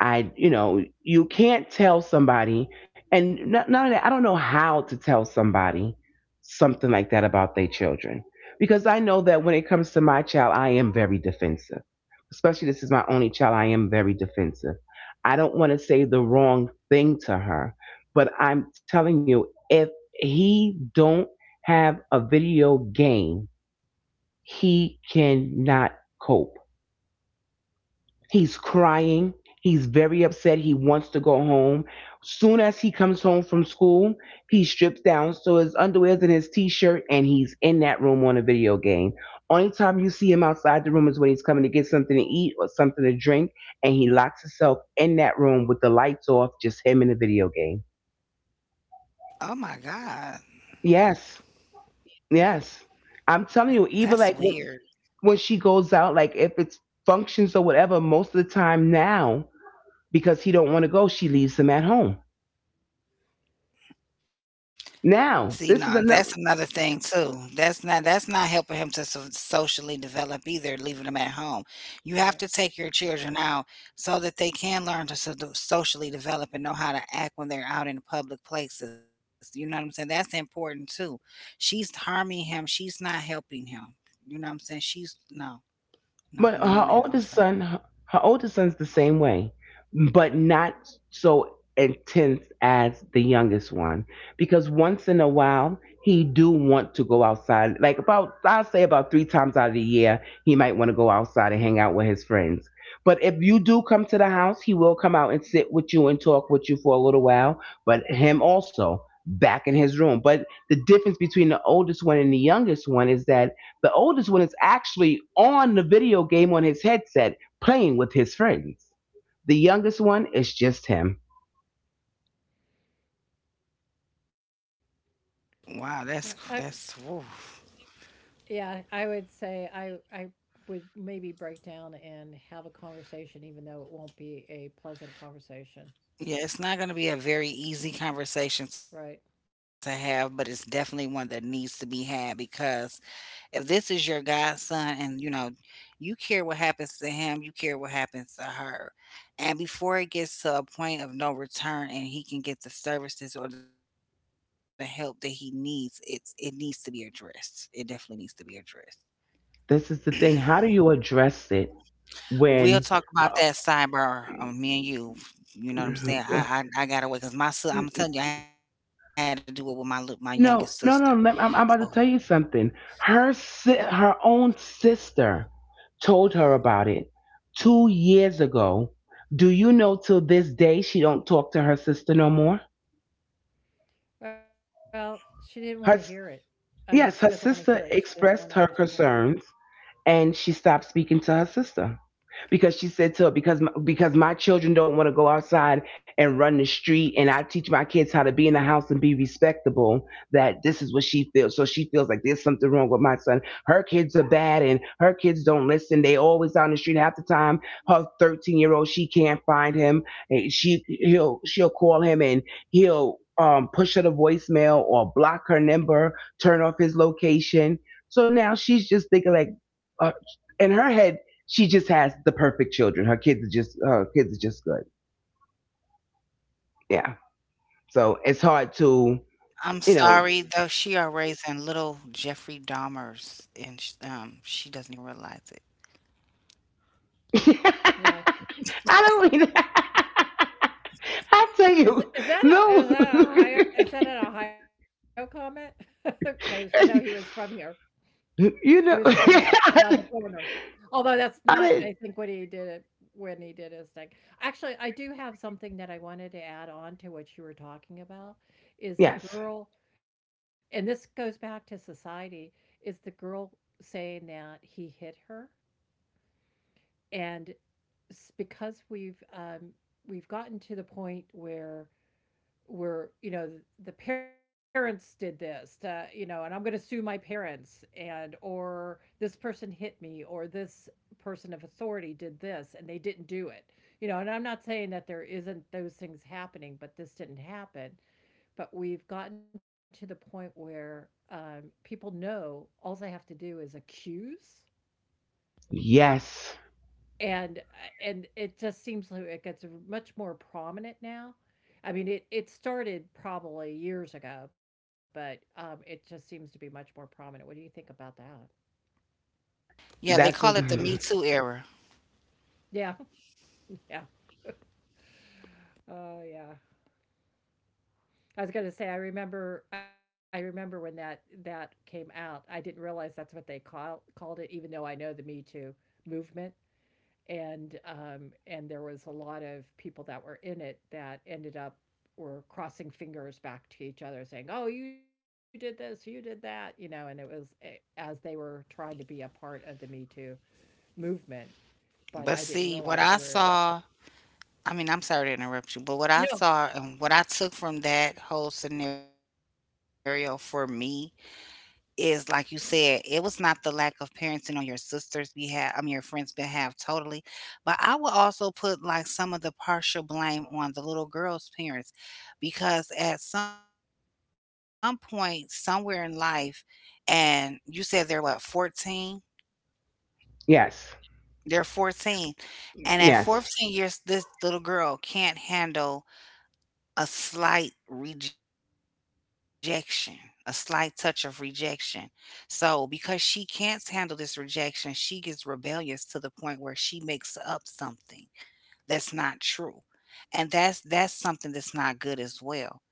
A: I, you know, you can't tell somebody, and not only that, I don't know how to tell somebody something like that about their children. Because I know that when it comes to my child, I am very defensive. Especially this is my only child, I am very defensive. I don't want to say the wrong thing to her, but I'm telling you, if he don't have a video game, he cannot cope. He's crying. He's very upset. He wants to go home. Soon as he comes home from school, he strips down, so his underwear's in his t-shirt, and he's in that room on a video game. Only time you see him outside the room is when he's coming to get something to eat or something to drink, and he locks himself in that room with the lights off, just him in the video game.
C: Oh my God.
A: Yes, yes. I'm telling you,
C: That's
A: even like
C: weird.
A: when she goes out, like if it's functions or whatever, most of the time now because he don't want to go, she leaves him at home.
B: Well,
C: See,
A: Now
C: no,
A: this
C: that's
A: is
C: another
A: another.
C: thing too. That's not helping him to so- socially develop either, leaving him at home. You have to take
B: right.
C: your children out so that they can learn to so- to socially develop and know how to act when they're out in public places. You know what I'm saying? That's important too. She's harming him. She's not helping him. You know what I'm saying? She's no, no,
A: But
C: no,
A: her
C: ma'am. I'm
A: oldest
C: sorry.
A: son, her oldest son's the same way, but not so intense as the youngest one. Because once in a while, he do want to go outside. Like about, I'll say about three times out of the year, he might want to go outside and hang out with his friends. But if you do come to the house, he will come out and sit with you and talk with you for a little while. But him also back in his room. But the difference between the oldest one and the youngest one is that the oldest one is actually on the video game on his headset playing with his friends. The youngest one is just him.
C: Wow,
B: So
C: that's
B: I,
C: that's. Woo.
B: yeah, I would say I would maybe break down and have a conversation, even though it won't be a pleasant conversation.
C: Yeah, it's not going to be a very easy
B: Right.
C: conversation to have, but it's definitely one that needs to be had because if this is your godson and you know, you care what happens to him, you care what happens to her. And before it gets to a point of no return and he can get the services or the help that he needs, it's it needs to be addressed. It definitely needs to be addressed.
A: This is the thing. How do you address it when. Oh,
C: We'll talk about that sidebar, me and you. You know what I'm saying? I I got away because my si I'm telling you, I had to do it with my lit- my youngest
A: no, no,
C: sister.
A: no. Let, I'm about to
C: So
A: tell you something. Her, her own sister told her about it 2 years ago. Do you know till this day she don't talk to her sister no more?
B: Well, she didn't wanna hear it.
A: Her, s-
B: I mean, she doesn't
A: yes,
B: wanna
A: her
B: hear it, she
A: sister
B: doesn't wanna
A: expressed her
B: understand it.
A: concerns and she stopped speaking to her sister because she said to her, because my children don't want to go outside and run the street, and I teach my kids how to be in the house and be respectable. That this is what she feels, so she feels like there's something wrong with my son. Her kids are bad and her kids don't listen. They always out on the street half the time. Her 13-year old, she can't find him. She he'll she'll call him and he'll push her to voicemail or block her number, turn off his location. So now she's just thinking like, uh, in her head, she just has the perfect children. Her kids are just, her kids are just good. Yeah. So it's hard to,
C: I'm
A: you know.
C: sorry though. She are raising little Jeffrey Dahmers, and sh- she doesn't even realize it.
B: Yeah.
A: I don't mean. I tell
B: Is
A: you,
B: is that
A: no.
B: is that a Ohio is that an Ohio comment? Because you know, he was from here. He
A: You
B: was
A: know,
B: from here, around the
A: I,
B: corner. Although that's not,
A: didn't.
B: I think, what he did it when he did his thing. Actually, I do have something that I wanted to add on to what you were talking about, is the
A: Yes,
B: girl, and this goes back to society, is the girl saying that he hit her, and s- because we've gotten to the point where we're, you know, the parents did this to, you know, and I'm going to sue my parents and or this person hit me or this person of authority did this and they didn't do it. You know, and I'm not saying that there isn't those things happening, but this didn't happen. But we've gotten to the point where, people know all they have to do is accuse.
A: yes.
B: And and it just seems like it gets much more prominent now. I mean, it started probably years ago, but it just seems to be much more prominent. What do you think about that?
A: That's
C: Yeah, they call
A: a,
C: it the Me Too era.
B: Yeah, yeah. Oh, yeah. I was gonna say, I remember when that came out. I didn't realize that's what they called it, even though I know the Me Too movement. And and there was a lot of people that were in it that ended up were crossing fingers back to each other saying, oh you did this you did that, you know, and it was as they were trying to be a part of the Me Too movement, but I didn't
C: But
B: realize
C: see,
B: they
C: what
B: were.
C: I saw, I mean, I'm sorry to interrupt you, but what
B: No.
C: I saw and what I took from that whole scenario for me is like you said, it was not the lack of parenting on your sister's behalf, I mean, your friend's behalf totally. But I would also put like some of the partial blame on the little girl's parents because at some point, somewhere in life, and you said they're what, 14?
A: yes,
C: They're 14, and at
A: yes.
C: 14 years, this little girl can't handle a slight rejection, a slight touch of rejection. So, because she can't handle this rejection, she gets rebellious to the point where she makes up something that's not true. And that's something that's not good as well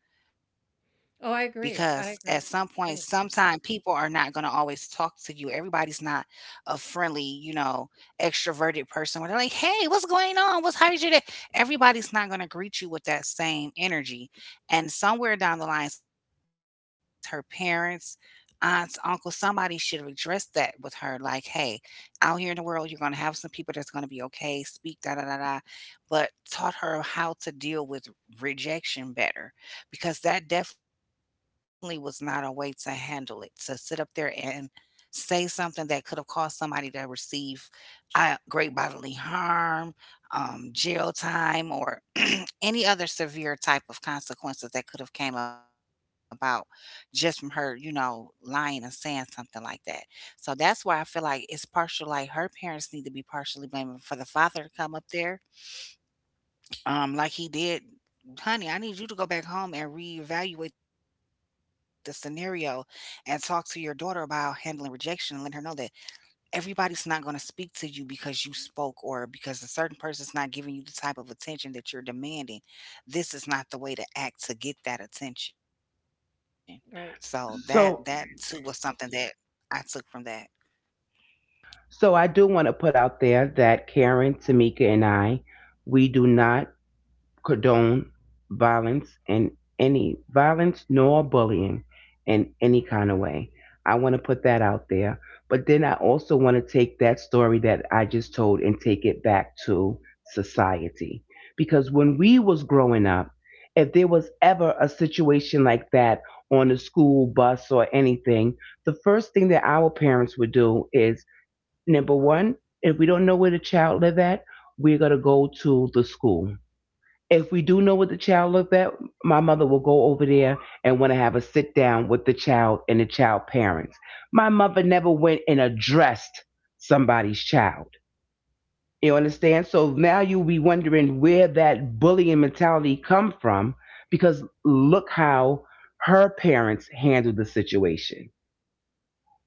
C: because
B: Oh,
C: at
B: I
C: some
B: agree,
C: point
B: I agree.
C: sometime people are not going to always talk to you, everybody's not a friendly, you know, extroverted person where they're like, hey, what's going on, what's how's your day, everybody's not going to greet you with that same energy, and somewhere down the lines her parents, aunts, uncles, somebody should have addressed that with her, like, hey, out here in the world you're going to have some people that's going to be okay, speak, da da da da, but taught her how to deal with rejection better, because that definitely was not a way to handle it, to sit up there and say something that could have caused somebody to receive, great bodily harm, jail time, or any other severe type of consequences that could have came about just from her, you know, lying and saying something like that. So that's why I feel like it's partial, like her parents need to be partially blamed for the father to come up there like he did, honey, I need you to go back home and reevaluate the scenario and talk to your daughter about handling rejection and letting her know that everybody's not going to speak to you because you spoke or because a certain person's not giving you the type of attention that you're demanding. This is not the way to act to get that attention. So that
B: Right.
C: that too was
A: So,
C: something that I took from that.
A: so I do want to put out there that Karen, Tamika, and I, we do not condone violence and any violence nor bullying in any kind of way. I want to put that out there. But then I also want to take that story that I just told and take it back to society. Because when we was growing up, if there was ever a situation like that on the school bus or anything, the first thing that our parents would do is number one, if we don't know where the child live at, we're gonna go to the school. If we do know what the child looked at, my mother will go over there and want to have a sit down with the child and the child parents. My mother never went and addressed somebody's child. You understand? So now you'll be wondering where that bullying mentality come from, because look how her parents handled the situation.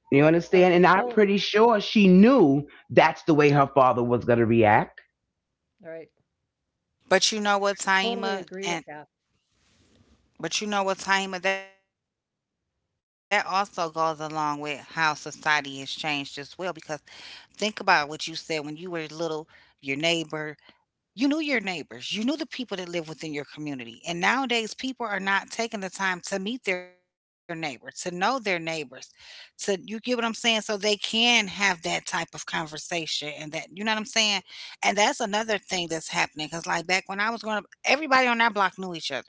B: Oh,
A: You understand?
B: total.
A: And I'm pretty sure she knew that's the way her father was going to react.
B: All right.
C: But you know what,
B: Totally
C: Taima,
B: agree with
C: and
B: that.
C: but you know what, Taima, that also goes along with how society has changed as well, because think about what you said when you were little, your neighbor. You knew your neighbors. You knew the people that live within your community. And nowadays, people are not taking the time to meet their neighbors, to know their neighbors, to you get what I'm saying? So they can have that type of conversation and that, you know what I'm saying? And that's another thing that's happening. Cause like back when I was growing up, everybody on our block knew each other.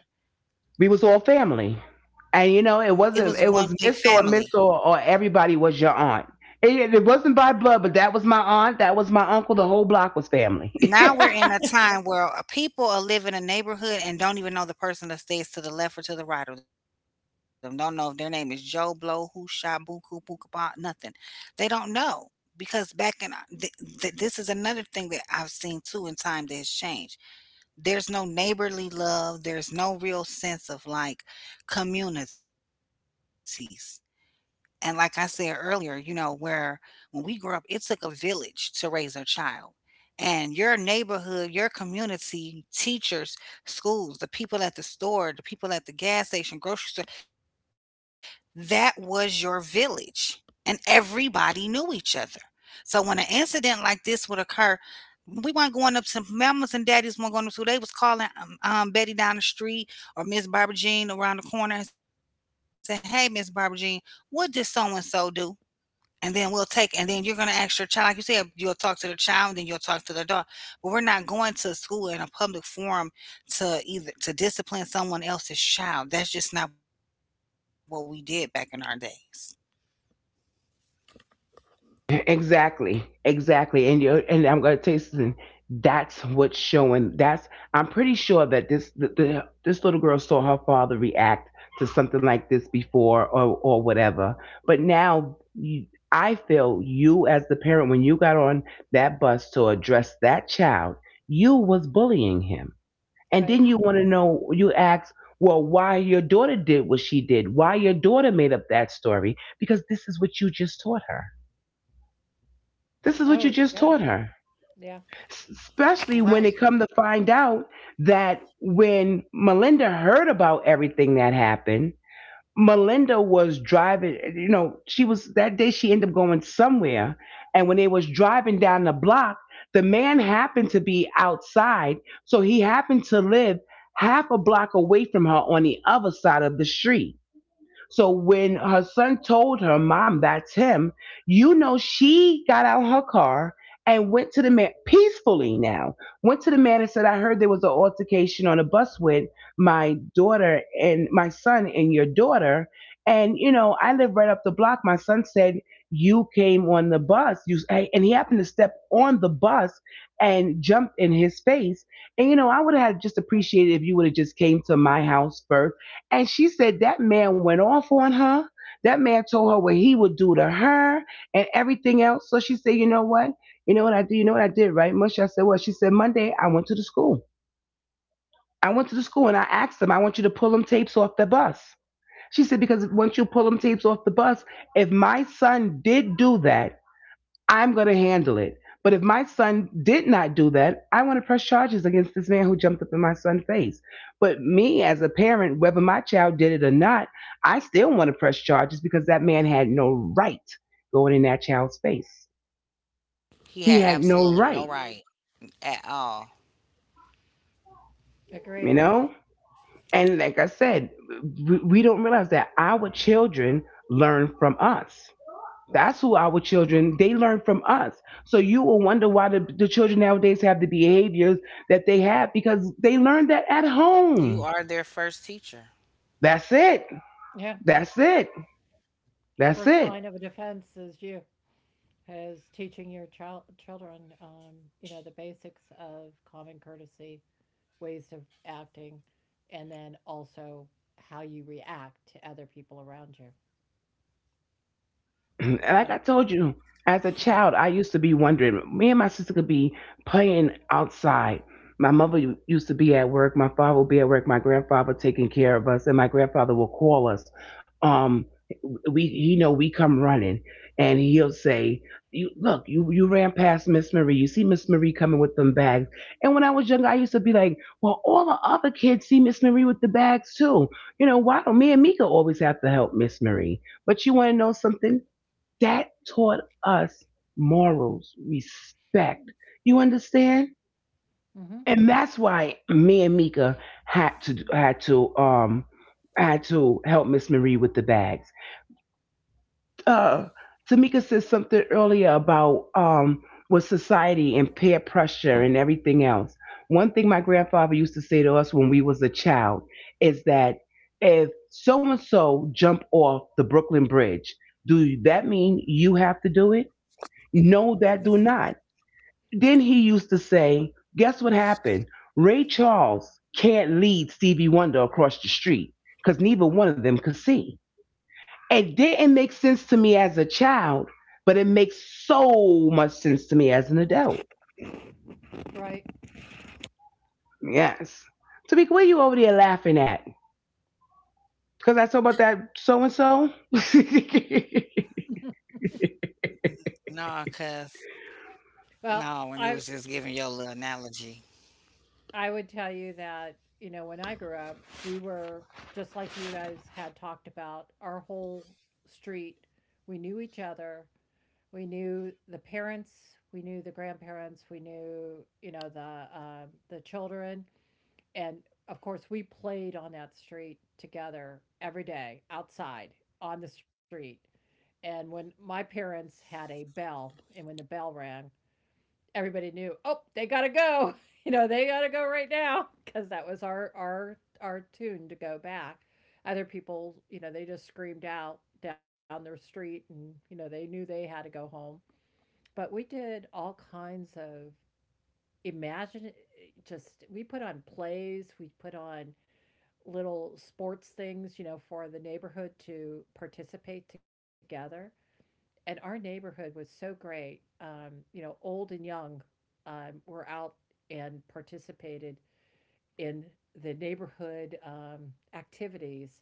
A: We was all family,
C: It
A: and
C: was
A: you know,
C: one
A: it
C: big
A: wasn't, it
C: family.
A: was Mr. or Miss, or everybody was your aunt. It wasn't by blood, but that was my aunt, that was my uncle, the whole block was family.
C: Now we're in a time
B: Right,
C: where people are living in a neighborhood and don't even know the person that stays to the left or to the right of them. Don't know if their name is Joe Blow, Who Shot Boo, Coo, Boo, Kabah, nothing. They don't know because back in this is another thing that I've seen too in time that has changed. There's no neighborly love. There's no real sense of like communities. And like I said earlier, you know, where when we grew up, it took a village to raise a child, and your neighborhood, your community, teachers, schools, the people at the store, the people at the gas station, grocery store, that was your village. And everybody knew each other. So when an incident like this would occur, we weren't going up to mamas and daddies weren't going up to. They was calling Betty down the street or Miss Barbara Jean around the corner and say, "Hey, Miss Barbara Jean, what did so and so do?" And then we'll take and then you're gonna ask your child, like you said, you'll talk to the child, and then you'll talk to the adult. But we're not going to school in a public forum to either to discipline someone else's child. That's just not what we did back in our days.
A: Exactly, exactly, and you, and I'm gonna tell you something. That's what's showing. That's, I'm pretty sure that the this little girl saw her father react to something like this before, or whatever. But now you, I feel you as the parent, when you got on that bus to address that child, you was bullying him, and then
B: right.
A: you want to know, you ask. Well, why your daughter did what she did, why your daughter made up that story, because this is what you just taught her. This is what
B: Oh
A: you just
B: yeah.
A: taught her.
B: Yeah.
A: S- Especially
C: Right.
A: when it come to find out that when Melinda heard about everything that happened, Melinda was driving, you know, she was, that day she ended up going somewhere, and when they was driving down the block, the man happened to be outside, so he happened to live half a block away from her on the other side of the street. So when her son told her, "Mom, that's him," you know, she got out her car and went to the man peacefully now, went to the man and said, "I heard there was an altercation on a bus with my daughter and my son and your daughter. And, you know, I live right up the block. My son said, you came on the bus. You," and he happened to step on the bus and jumped in his face. "And, you know, I would have just appreciated if you would have just came to my house first." And she said that man went off on her. That man told her what he would do to her and everything else. So she said, "You know what? You know what I did? You know what I did, right? Musha?" I said, "Well," she said, "Monday I went to the school. I went to the school and I asked them, I want you to pull them tapes off the bus." She said, "Because once you pull them tapes off the bus, if my son did do that, I'm going to handle it. But if my son did not do that, I want to press charges against this man who jumped up in my son's face. But me as a parent, whether my child did it or not, I still want to press charges, because that man had no right going in that child's face."
C: He had
A: He had
C: absolutely
A: no
C: no right
A: right,
C: at all.
A: you
B: Agree.
A: know? And like I said, we don't realize that our children learn from us. That's who our children, they learn from us. So you will wonder why the children nowadays have the behaviors that they have, because they learned that at
C: You
A: home.
C: are their first teacher.
A: That's it.
B: Yeah,
A: That's it. That's
B: first line
A: it.
B: of defense is you, is teaching your children, you know, the basics of common courtesy, ways of acting, and then also how you react to other people around you.
A: Like
B: And
A: I told you, as a child, I used to be wondering. Me and my sister could be playing outside. My mother used to be at work. My father would be at work. My grandfather taking care of us, and my grandfather will call us. Um, we, you know, we come running, and he'll say, "You look, you ran past Miss Marie. You see Miss Marie coming with them bags." And when I was younger, I used to be like, "Well, all the other kids see Miss Marie with the bags too. You know, why don't me and Mika always have to help Miss Marie?" But you want to know something? That taught us morals, respect. You understand?
B: Mhm.
A: And that's why me and Mika had to had to help Miss Marie with the bags. Uh, Tamika said something earlier about with society and peer pressure and everything else. One thing my grandfather used to say to us when we was a child is that if so and so jump off the Brooklyn Bridge, do that mean you have to do it? No, that do not. Then he used to say, guess what happened? Ray Charles can't lead Stevie Wonder across the street because neither one of them could see. It didn't make sense to me as a child, but it makes so much sense to me as an adult.
B: Right.
A: Yes. Tamika, what are you over there laughing at? Because I told about that so and so?
C: No, cause no, when you was just giving your
B: well
C: little
B: i
C: analogy.
B: i would tell you that, you know, when I grew up we were, just like you guys had talked about, our whole street, we knew each other, we knew the parents, we knew the grandparents, we knew, you know, the children. And of course we played on that street together every day outside on the street. And when my parents had a bell and when the bell rang, everybody knew, oh they gotta go you know they gotta go right now, because that was our tune to go back. Other people, you know, they just screamed out down their street and you know they knew they had to go home. But we did all kinds of, imagine, just, we put on plays, we put on little sports things, you know, for the neighborhood to participate together. And our neighborhood was so great. You know, old and young, were out and participated in the neighborhood activities,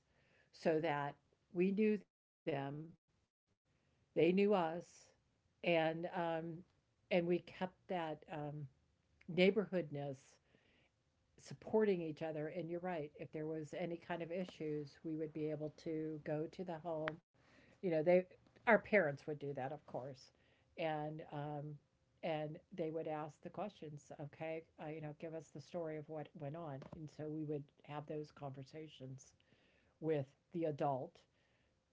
B: so that we knew them, they knew us, and, and we kept that, neighborhoodness, supporting each other. And you're right. If there was any kind of issues, we would be able to go to the home. You know, they, our parents would do that, of course, and and they would ask the questions. Okay, you know, give us the story of what went on, and so we would have those conversations with the adult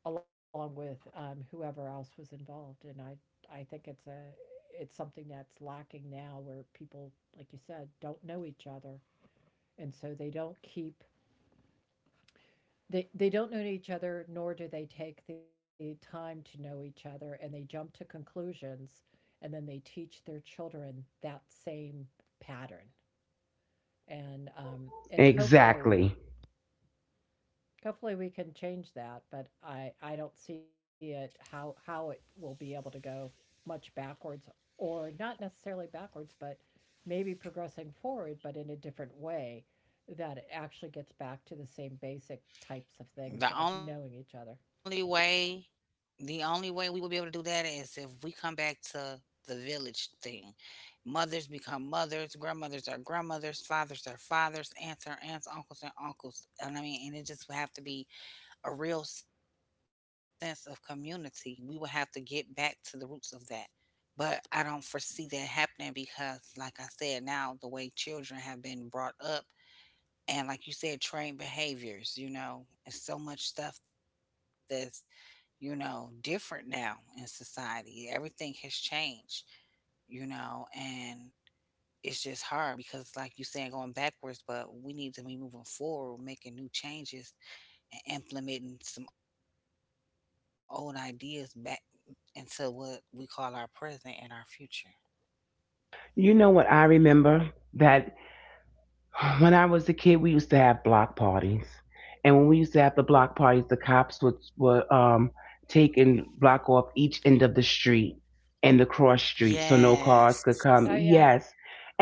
B: along with, whoever else was involved. And I think it's a, it's something that's lacking now where people, like you said, don't know each other and so they don't keep, they don't know each other nor do they take the time to know each other, and they jump to conclusions and then they teach their children that same pattern. And and hopefully,
A: Exactly.
B: hopefully we can change that, but I don't see it, how it will be able to go much backwards, or not necessarily backwards, but maybe progressing forward but in a different way that it actually gets back to the same basic types of
C: The
B: things of
C: only
B: knowing each
C: way,
B: other.
C: the only way we will be able to do that is if we come back to the village thing. Mothers become mothers, grandmothers are grandmothers, fathers are fathers, aunts are aunts, uncles are uncles. And I mean, and it just would have to be a real sense of community. We would have to get back to the roots of that. But I don't foresee that happening because, like I said, now the way children have been brought up, and like you said, trained behaviors, you know, it's so much stuff that's you know, different now in society. Everything has changed, you know, and it's just hard because, like you saying, going backwards, but we need to be moving forward, making new changes and implementing some old ideas back into what we call our present and our future.
A: You know what I remember? That When I was a kid, we used to have block parties, and when we used to have the block parties, the cops would would take and block off each end of the street and the cross street so
C: Yes.
A: no cars could
B: Oh
A: come.
B: yeah.
A: Yes.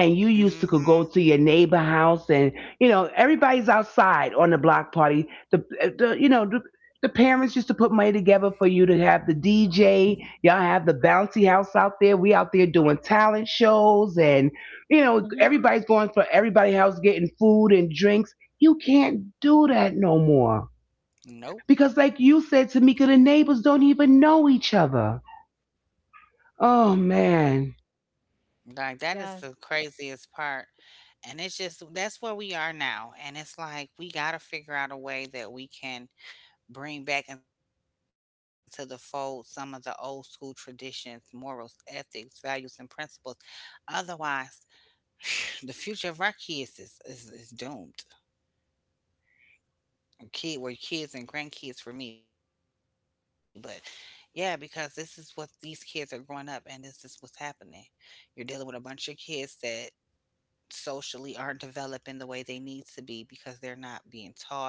A: And you used to could go to your neighbor house, and you know everybody's outside on the block party. The you know the parents used to put money together for you to have the DJ. Y'all have the bouncy house out there. We out there doing talent shows, and you know,
B: Hmm.
A: everybody's going for everybody else getting food and drinks. You can't do that no more.
C: Nope.
A: Because like you said, Tamika, the neighbors don't even know each other.
C: Mm-mm.
A: Oh man.
C: Like that is
B: Yeah,
C: the craziest part. And it's just that's where we are now. And it's like we got to figure out a way that we can bring back into the fold some of the old school traditions, morals, ethics, values, and principles. Otherwise, the future of our kids is doomed. Kid, were kids and grandkids for me, but yeah, because this is what these kids are growing up, and this is what's happening. You're dealing with a bunch of kids that socially aren't developing the way they need to be because they're not being taught.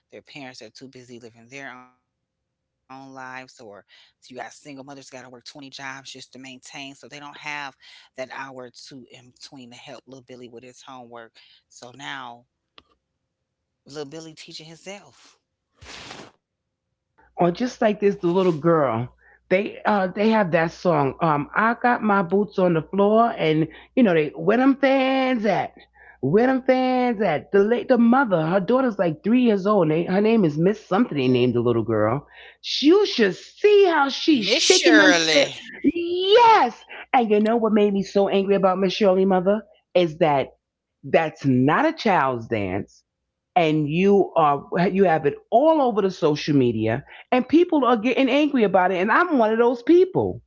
C: Their parents are too busy living their own lives, or you got single mothers got to work 20 jobs just to maintain. So they don't have that hour or two in between to help little Billy with his homework. So now little Billy teaching himself.
A: Or just like this the little girl they have that song I got my boots on the floor, and you know they, where them fans at, where them fans at, the late the mother, her daughter's like 3 years old, and they, her name is Miss something, they named the little girl. You should see how
C: Miss
A: she's shaking
C: Shirley,
A: them fit. Yes. And you know what made me so angry about Miss Shirley mother is that that's not a child's dance, and you are, you have it all over the social media, and people are getting angry about it, and I'm one of those people.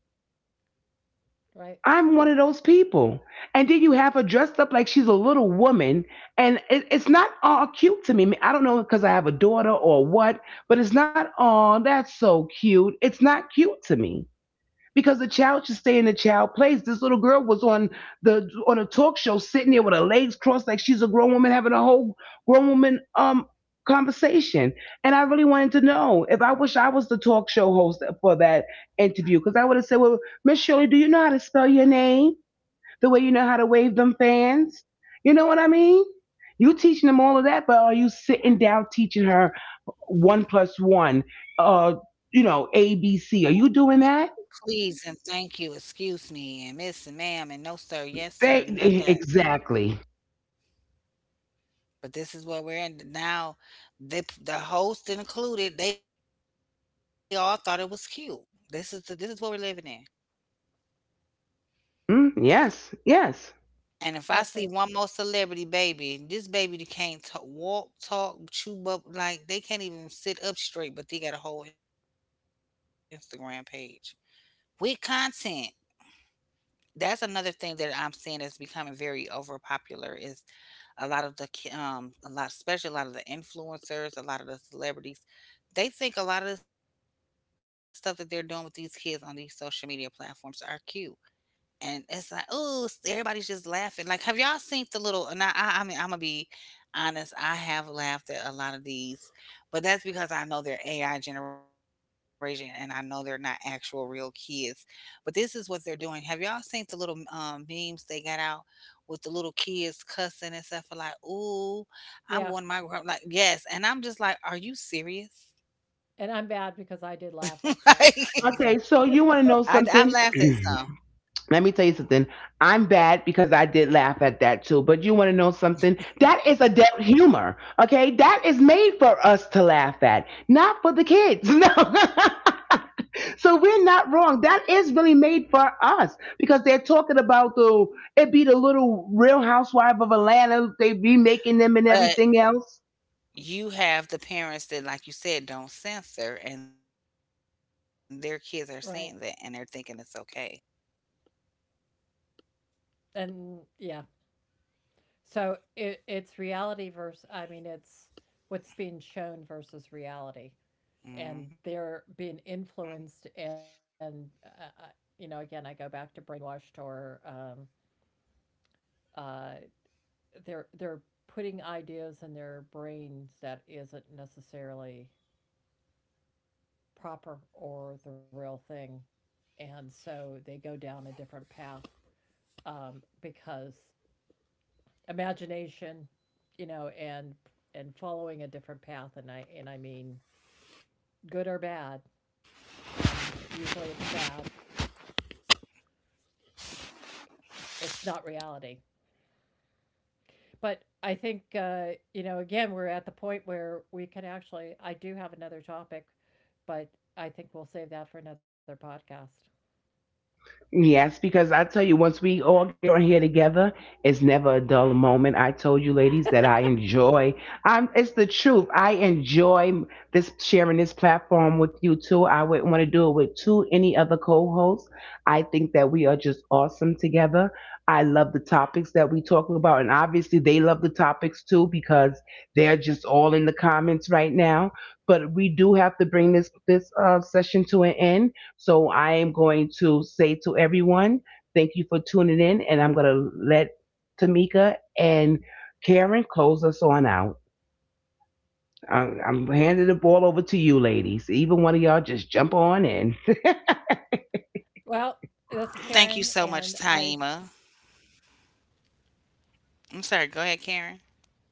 B: right.
A: I'm one of those people. And then you have her dressed up like she's a little woman, and it's not all cute to me. I don't know because I have a daughter or what, but it's not all that's so cute. It's not cute to me because the child should stay in the child place. This little girl was on the on a talk show sitting there with her legs crossed like she's a grown woman having a whole grown woman conversation. And I really wanted to know if I wish I was the talk show host for that interview because I would have said, "Well, Miss Shirley, do you know how to spell your name the way you know how to wave them fans? You know what I mean?" You teaching them all of that, but are you sitting down teaching her one plus one, uh, you know, A, B, C? Are you doing
C: please and
A: that?
C: thank you. Excuse me, and miss and ma'am, and no, sir, yes, sir, none of that.
A: Exactly.
C: But this is what we're in now. They, the host included, they all thought it was cute. This is the this is what we're living in.
A: Mm, yes, yes.
C: And if I
B: Actually,
C: see one more celebrity baby, this baby that can't talk, walk, talk, chew up, like they can't even sit up straight, but they got a whole Instagram page with content. That's another thing that I'm seeing that's becoming very overpopular. Is a lot of the a lot, especially a lot of the influencers, a lot of the celebrities, they think a lot of the stuff that they're doing with these kids on these social media platforms are cute. And it's like, oh, everybody's just laughing. Like, have y'all seen the little now, I mean, Imma be honest, I have laughed at a lot of these, but that's because I know they're AI generation and I know they're not actual real kids. But this is what they're doing. Have y'all seen the little, m memes they got out with the little kids cussing and stuff like,
B: yeah.
C: "Ooh, I'm going to my gr" like, yes, and I'm just like, "Are you
B: And I'm bad
C: serious?"
B: because I did laugh at some of
C: Like,
B: them.
A: Okay, so you want to know
C: I
A: something?
C: I've laughed at some.
A: Let me tell you something. I'm bad because I did laugh at that too. But you want to know something? That is adult humor. Okay, that is made for us to laugh at, not for the kids. No. So we're not wrong. That is really made for us because they're talking about the, it be the little Real Housewife of Atlanta. They be making them and
C: But
A: everything else.
C: you have the parents that, like you said, don't censor, and their kids are seeing that, and they're thinking
B: Right.
C: it's okay.
B: And yeah, so it it's reality versus, I mean, it's what's being shown versus reality, and
C: Mhm.
B: they're being influenced, and you know, again I go back to brainwashed, or uh, they're putting ideas in their brains that isn't necessarily proper or the real thing, and so they go down a different path, because imagination, you know, and following a different path, and I mean good or bad, and usually it's bad. It's not reality. But I think, you know, again, we're at the point where we can actually, I do have another topic, but I think we'll save that for another podcast.
A: Yes, because I tell you, once we all get on here together, it's never a dull moment. I told you, ladies, that I enjoy. It's the truth. I enjoy this sharing this platform with you too. I wouldn't want to do it with two any other co-hosts. I think that we are just awesome together. I love the topics that we talk about, and obviously they love the topics too because they're just all in the comments right now. But we do have to bring this session to an end. So I am going to say to everyone, thank you for tuning in, and I'm going to let Tamika and Karen close us on out. I'm handing the ball over to you, ladies. Even one of y'all just jump on in.
B: Well, this
C: Thank
B: is
C: you so
B: Karen
C: much,
B: and
C: Taima.
B: I.
C: I'm sorry. Go ahead, Karen.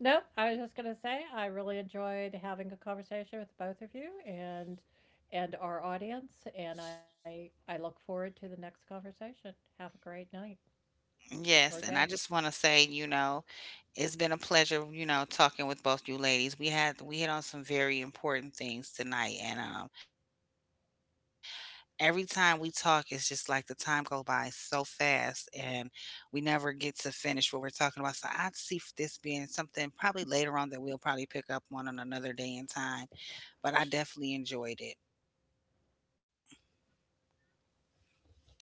B: No, I was just gonna say I really enjoyed having a conversation with both of you and our audience, and I look forward to the next conversation. Have a great night
C: Yes,
B: or
C: and I
B: day.
C: just want to say, you know, it's been a pleasure, you know, talking with both you ladies. We had we hit on some very important things tonight, and every time we talk, it's just like the time go by so fast, and we never get to finish what we're talking about. So I see f- this being something probably later on that we'll probably pick up on another day and time. But I definitely enjoyed it.